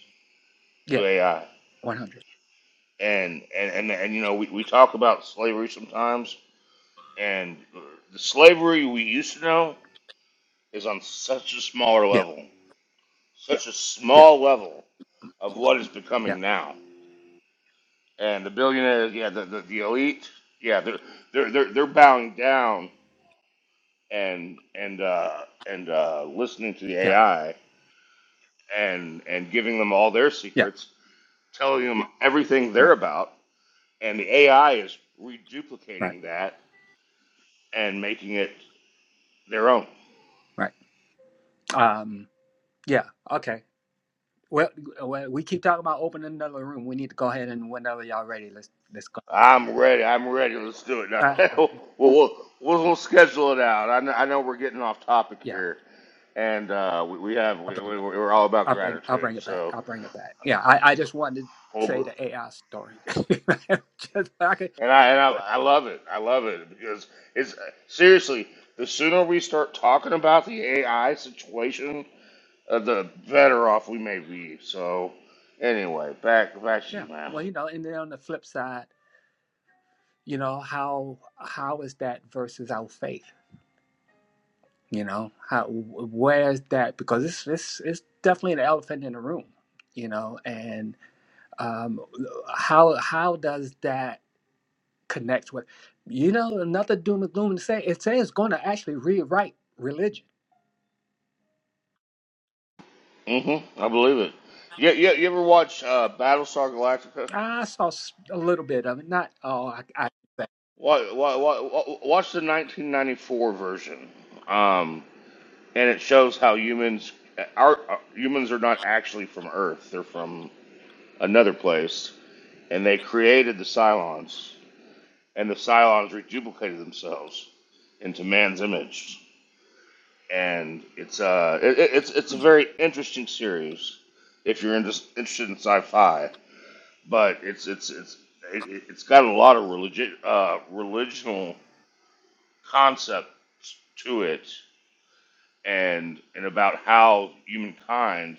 J: Yeah,
F: to AI,
J: 100.
F: and and and, and you know we, we talk about slavery sometimes, and the slavery we used to know is on such a smaller
J: Yeah,
F: level, Yeah. such a
J: yeah,
F: small level of what is
J: yeah,
F: becoming now. and the billionaires, yeah, the, the, the elite, yeah, they're they're they're they're bowing down and and uh, and uh, listening to the
J: yeah,
F: AI and and giving them all their
J: yeah.
F: secrets, telling them everything
J: Right,
F: they're about, and the AI is
J: right,
F: reduplicating that and making it their own.
J: right. Um, yeah, okay. Well, well, we keep talking about opening another room. We need to go ahead and whenever y'all ready, let's let's go.
F: I'm ready. I'm ready. Let's do it now.
J: Uh, well,
F: we'll, we'll we'll we'll schedule it out. I know, I know we're getting off topic
J: yeah,
F: here, and uh, we, we have
J: I'll
F: we,
J: bring, it
F: we
J: back.
F: we're all about
J: I'll bring, I'll
F: gratitude.
J: bring it back.
F: So.
J: I'll bring it back. Yeah, I, I just wanted to say
F: Over.
J: the AI story. just I could,
F: And I and I,
J: I,
F: I love it. I love it because it's seriously the sooner we start talking about the AI situation, uh, the better off we may be. So anyway, back back to
J: yeah.
F: you, man.
J: Well, you know, and then on the flip side. you know how how is that versus our faith you know how where is that because it's it's, it's definitely an elephant in the room you know and um how how does that connect with you know another doom and gloom to say it says it's going to actually rewrite religion
F: hmm I believe it. You, you, you ever watch uh, Battlestar Galactica?
J: i saw s- a little bit of it not all i, I
F: What, what, watch the 1994 version, um, and it shows how humans uh, are uh, humans are not actually from Earth. They're from another place, and they created the Cylons, and the Cylons reduplicated themselves into man's image. And it's uh, it, it's it's a very interesting series if you're inter- interested in sci-fi, but it's it's it's it, it- has got a lot of religion uh, religional concepts to it, and and about how humankind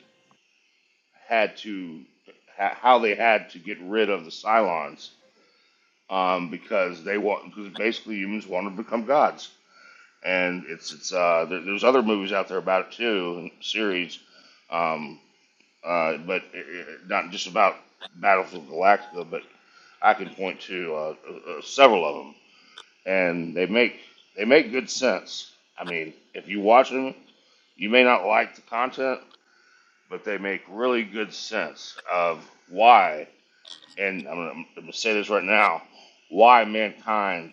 F: had to ho- how they had to get rid of the Cylons um, because they want because basically humans want to become gods, and it's it's uh, there, there's other movies out there about it too, and series, um, uh, but it, it, not just about Battlefield Galactica, but I can point to uh, uh, uh, several of them, and they make they make good sense. I mean, if you watch them, you may not like the content, but they make really good sense of why. And I'm gonna, I'm gonna say this right now: why mankind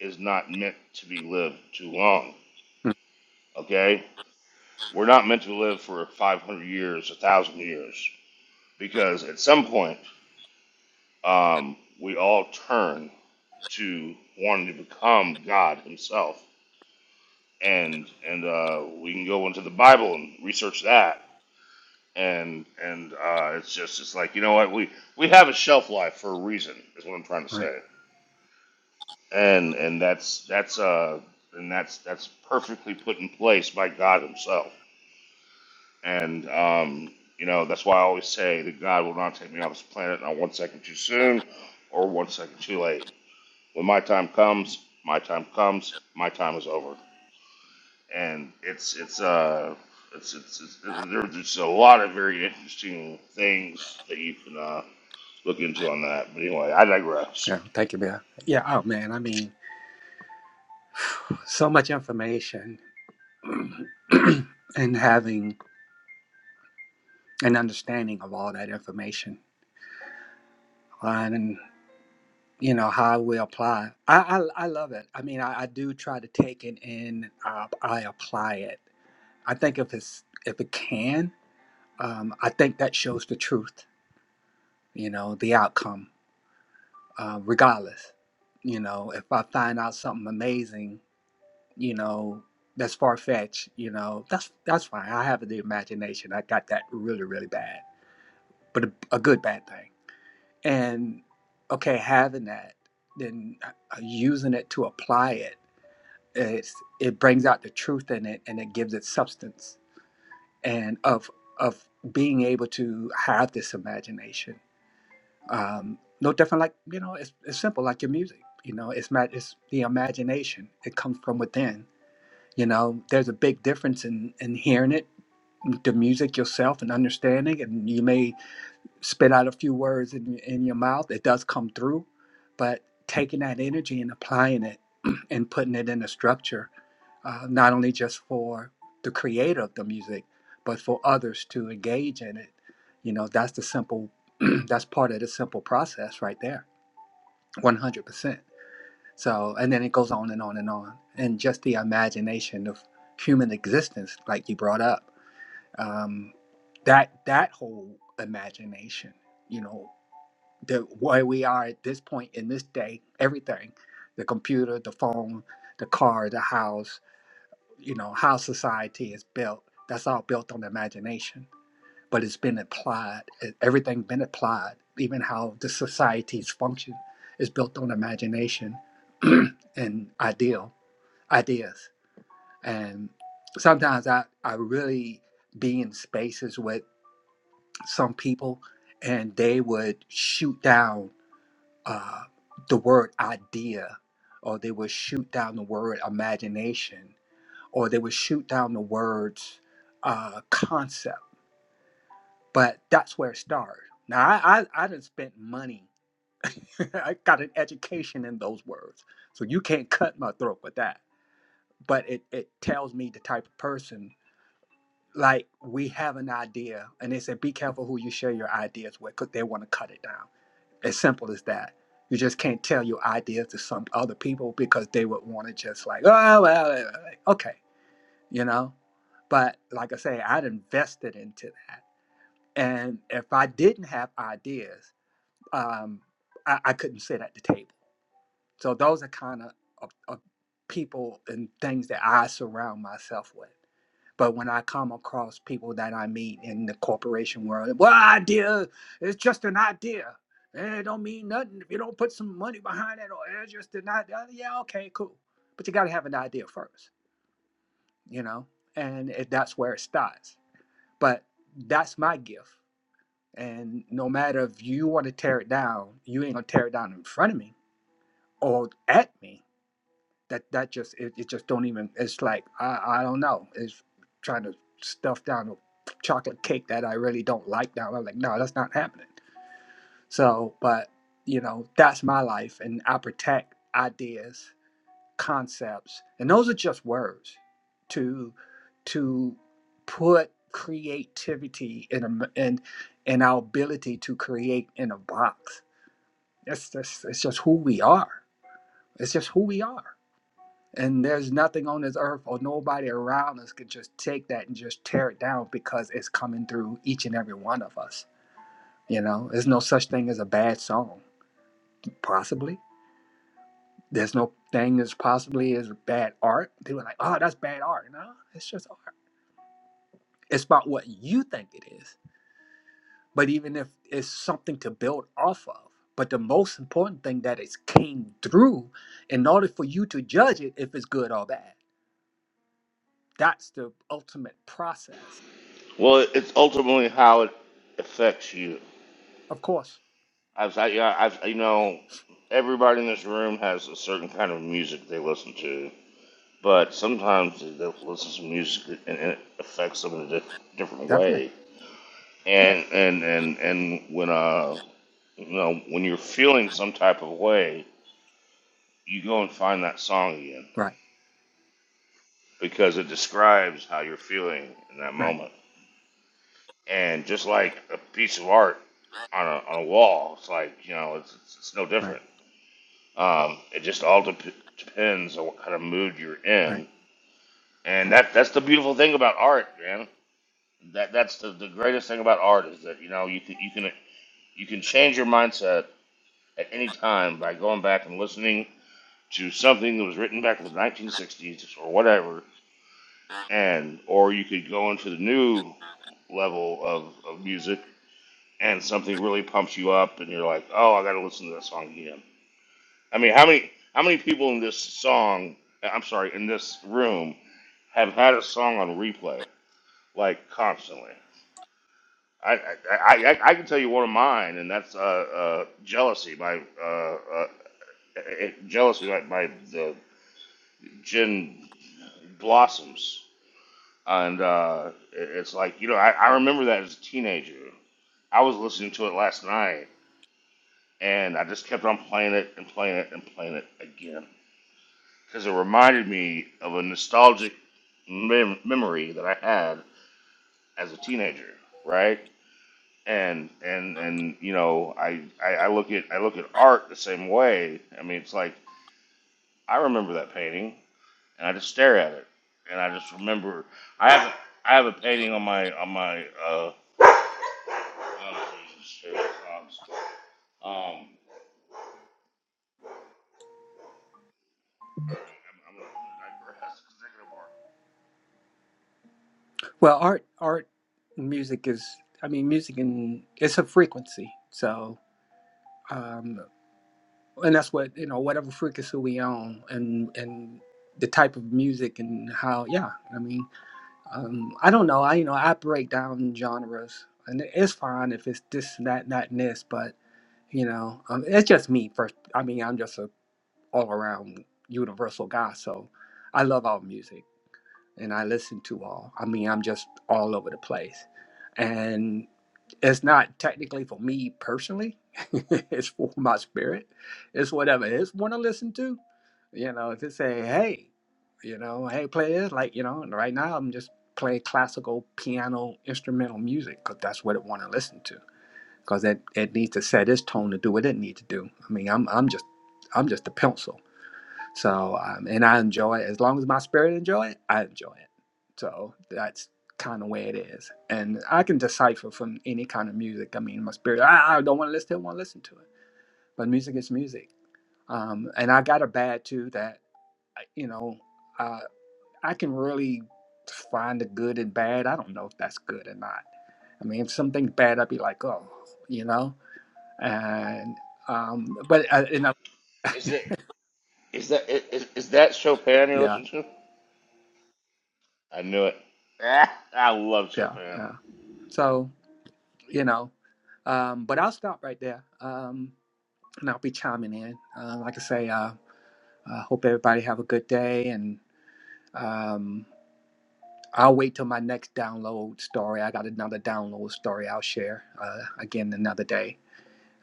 F: is not meant to be lived too long.
J: Mm,
F: Okay? We're not meant to live for 500 years, 1,000 years, because at some point, um, we all turn to wanting to become God Himself. And, and uh, we can go into the Bible and research that. And, and uh, it's just it's like, you know what? We, we have a shelf life for a reason, is what I'm trying to
J: right
F: say. And, and that's, that's, uh, and that's, that's perfectly put in place by God Himself And, um, you know, that's why I always say that God will not take me off this planet not one second too soon or one second too late. When my time comes, my time comes, my time is over. And it's, it's, uh, it's, it's, it's there's just a lot of very interesting things that you can, uh, look into on that. But anyway, I digress.
J: yeah thank you bill yeah oh man i mean so much information and having and understanding of all that information uh, and you know how we apply i i, I love it i mean I, I do try to take it and uh, i apply it i think if it's if it can um, i think that shows the truth you know the outcome uh, regardless you know if i find out something amazing you know that's far-fetched you know that's that's fine i have the imagination i got that really really bad but a, a good bad thing and okay having that then uh, using it to apply it it's, it brings out the truth in it and it gives it substance and of of being able to have this imagination um, no different like you know it's, it's simple like your music you know it's ma- it's the imagination it comes from within you know there's a big difference in in hearing it the music yourself and understanding and you may spit out a few words in, in your mouth. It does come through, but taking that energy and applying it and putting it in a structure, uh, not only just for the creator of the music, but for others to engage in it. You know, that's the simple, that's part of the simple process right there, 100%. So, and then it goes on and on and on. And just the imagination of human existence, like you brought up, um, that, that whole imagination, you know, the where we are at this point in this day, everything, the computer, the phone, the car, the house, you know, how society is built. That's all built on imagination, but it's been applied. e- Everything been applied, even how the societies function is built on imagination and ideal ideas. And sometimes I, I really be in spaces with some people and they would shoot down uh, the word idea, or they would shoot down the word imagination, or they would shoot down the words uh, concept. But that's where it started. Now, I, I, I done spent money. I got an education in those words. So you can't cut my throat with that. But it, it tells me the type of person, like, we have an idea. And they said, be careful who you share your ideas with because they want to cut it down. As simple as that. You just can't tell your ideas to some other people because they would want to just like, oh, well, eh, eh, okay, you know? But like I say, I'd invested into that. And if I didn't have ideas, um, I, I couldn't sit at the table. So those are kind of, of, of people and things that I surround myself with. But when I come across people that I meet in the corporation world, well, idea it's just an idea. Eh, It don't mean nothing if you don't put some money behind it, or eh, it's just an idea. Uh, Yeah, okay, cool. But you got to have an idea first, you know, and it, that's where it starts. But that's my gift. And no matter if you want to tear it down, you ain't gonna tear it down in front of me or at me that that just it, it just don't even it's like I, I don't know it's trying to stuff down a chocolate cake that i really don't like now i'm like no that's not happening so but you know that's my life and i protect ideas concepts and those are just words to to put creativity in a and in our ability to create in a box that's that's it's just who we are it's just who we are and there's nothing on this earth or nobody around us can just take that and just tear it down because it's coming through each and every one of us. You know, there's no such thing as a bad song, possibly. There's no thing as possibly as bad art. People are like, oh, that's bad art. No, it's just art. It's about what you think it is. But even if it's something to build off of, but the most important thing that it came through in order for you to judge it if it's good or bad. That's the ultimate process.
F: Well, it's ultimately how it affects you.
J: Of course,
F: I've, I, yeah, I've, you know, everybody in this room has a certain kind of music they listen to, but sometimes they'll listen to music and it affects them in a di- different
J: Definitely.
F: way. And and and and when uh, you know, when you're feeling some type of way, you go and find that song again
J: Right.
F: because it describes how you're feeling in that
J: Right.
F: moment. And just like a piece of art on a on a wall, it's like you know, it's it's, it's no
J: Right.
F: different. Um, it just all dep depends on what kind of mood you're
J: Right.
F: in, and that that's the beautiful thing about art, man that that's the, the greatest thing about art is that you know you can, you can you can change your mindset at any time by going back and listening to something that was written back in the 1960s or whatever and or you could go into the new level of, of music and something really pumps you up and you're like oh i gotta listen to that song again i mean how many how many people in this song i'm sorry in this room have had a song on replay like constantly I, I, I, I can tell you one of mine, and that's uh, uh, jealousy. My uh, uh, eh, jealousy by, by the gin blossoms, and uh, it- it's like you know I, I remember that as a teenager. I was listening to it last night, and I just kept on playing it and playing it and playing it again because it reminded me of a nostalgic mem- memory that I had as a teenager. Right? and and and you know I, I I look at I look at art the same way. I mean, it's like I remember that painting, and I just stare at it, and I just remember I have I have a painting on my on my uh. oh, Jesus, here it comes. Um, I'm, I'm gonna I'm am they they're gonna bark.
J: Well, art, art, music is. I mean, music and it's a frequency. So, um, and that's what you know. Whatever frequency we own, and and the type of music and how. Yeah. I mean, um, I don't know. I you know I break down genres, and it's fine if it's this, and that, and that, and this. But you know, um, it's just me. First, I mean, I'm just a all around universal guy. So, I love all music. and I listen to all. I mean, I'm just all over the place. And it's not technically for me personally, it's for my spirit. It's whatever it is want to listen to. You know, if it say, hey, you know, hey, play this, like, you know, and right now I'm just playing classical piano instrumental music because that's what it want to listen to. Because it, it needs to set its tone to do what it need to do. I mean, I'm, I'm just I'm just a pencil. So, um, and I enjoy it. As long as my spirit enjoy it, I enjoy it. So that's kind of where it is. And I can decipher from any kind of music. I mean, my spirit, I, I don't want to listen to it, I want to listen to it. But music is music. Um, and I got a bad too that, you know, uh, I can really find the good and bad. I don't know if that's good or not. I mean, if something's bad, I'd be like, oh, you know? And, um, but, uh, you know,
F: Is that is that is, is that Chopin you're
J: yeah,
F: listening to? I knew it. Ah, I love
J: yeah,
F: Chopin.
J: yeah. So, you know. Um, but I'll stop right there, um, and I'll be chiming in. Uh, like I say, uh, I hope everybody have a good day, and um, I'll wait till my next download story. I got another download story I'll share uh, again another day.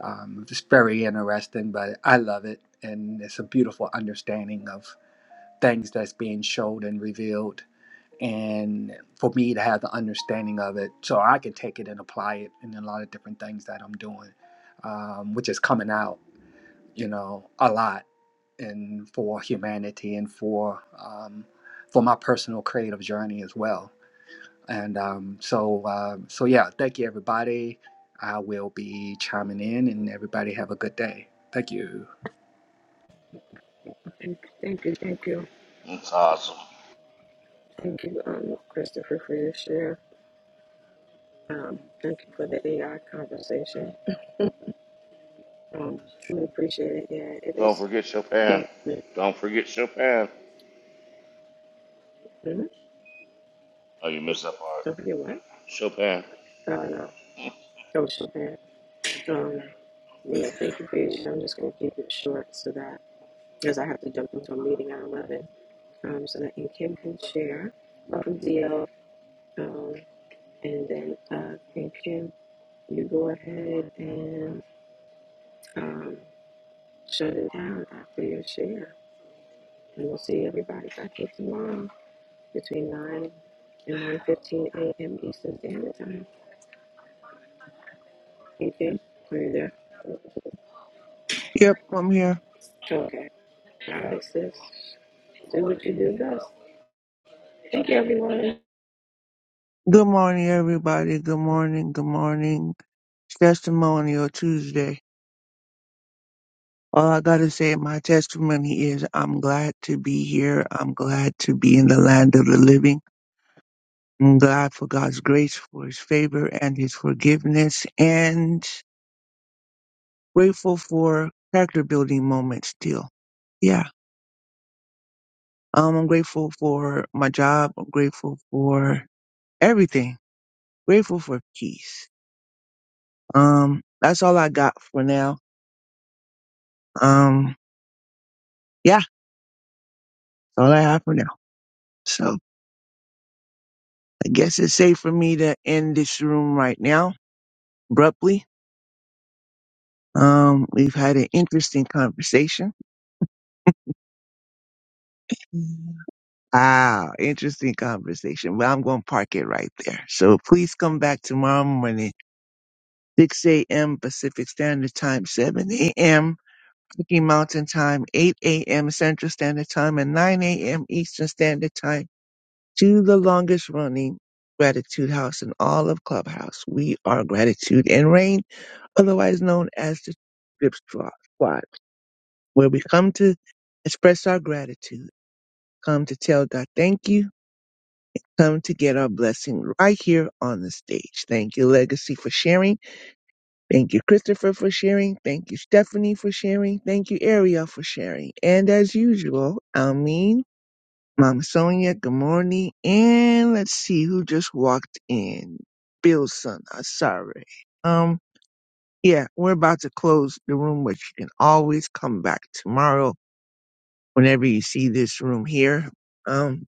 J: Um, it's very interesting, but I love it, and it's a beautiful understanding of things that's being showed and revealed and for me to have the understanding of it so I can take it and apply it in a lot of different things that I'm doing, um, which is coming out, you know, a lot and for humanity and for um, for my personal creative journey as well. And um, so um, so yeah, thank you everybody. I will be chiming in and everybody have a good day. Thank you.
A: Thank you. Thank you.
F: It's awesome.
A: Thank you, um, Christopher, for your share. Um, thank you for the AI conversation. Um, we appreciate it. Yeah, it
F: Don't
A: is.
F: forget Chopin.
A: Mhm.
F: Don't forget Chopin. Oh, you missed that part.
A: Don't forget what?
F: Chopin.
A: I no. Shabbat. Um, yeah, thank you for your share. I'm just going to keep it short so that, because I have to jump into a meeting at 11, um, so that and Kim can share. Welcome, DL. Um, and then, uh, and Kim, you go ahead and um, shut it down after your share. And we'll see everybody back here tomorrow between 9 and 9.15 a.m. Eastern Standard Time. Okay, are you there?
L: Yep, I'm here.
A: Okay. All right, sis. Do what you do best. Thank you, everyone.
L: Good morning, everybody. Good morning. Good morning. It's Testimonial Tuesday. All I gotta say in my testimony is I'm glad to be here. I'm glad to be in the land of the living. I'm glad for God's grace, for his favor and his forgiveness and grateful for character building moments still. Yeah. Um, I'm grateful for my job. I'm grateful for everything. Grateful for peace. Um, that's all I got for now. Um. yeah, that's all I have for now. So I guess it's safe for me to end this room right now abruptly. Um, we've had an interesting conversation. Ah, interesting conversation. Well, I'm going to park it right there. So please come back tomorrow morning, 6 a.m. Pacific Standard Time, 7 a.m. Rocky Mountain Time, 8 a.m. Central Standard Time, and 9 a.m. Eastern Standard Time to the longest running Gratitude House in all of Clubhouse. We are Gratitude and Rain. otherwise known as the Drip Squad, Squad, where we come to express our gratitude, come to tell God thank you, come to get our blessing right here on the stage. Thank you, Legacy, for sharing. Thank you, Christopher, for sharing. Thank you, Stephanie, for sharing. Thank you, Ariel, for sharing. And as usual, Almeen, Mama Sonia, good morning. And let's see who just walked in. Billson, I'm sorry. Um, Yeah, we're about to close the room, but you can always come back tomorrow whenever you see this room here. Um,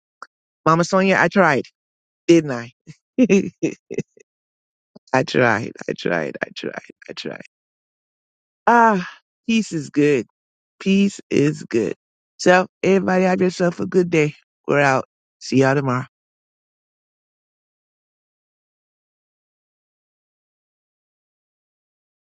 L: Mama Sonia, I tried, didn't I? I tried, I tried, I tried, I tried. Ah, peace is good. Peace is good. So, everybody have yourself a good day. We're out. See y'all tomorrow.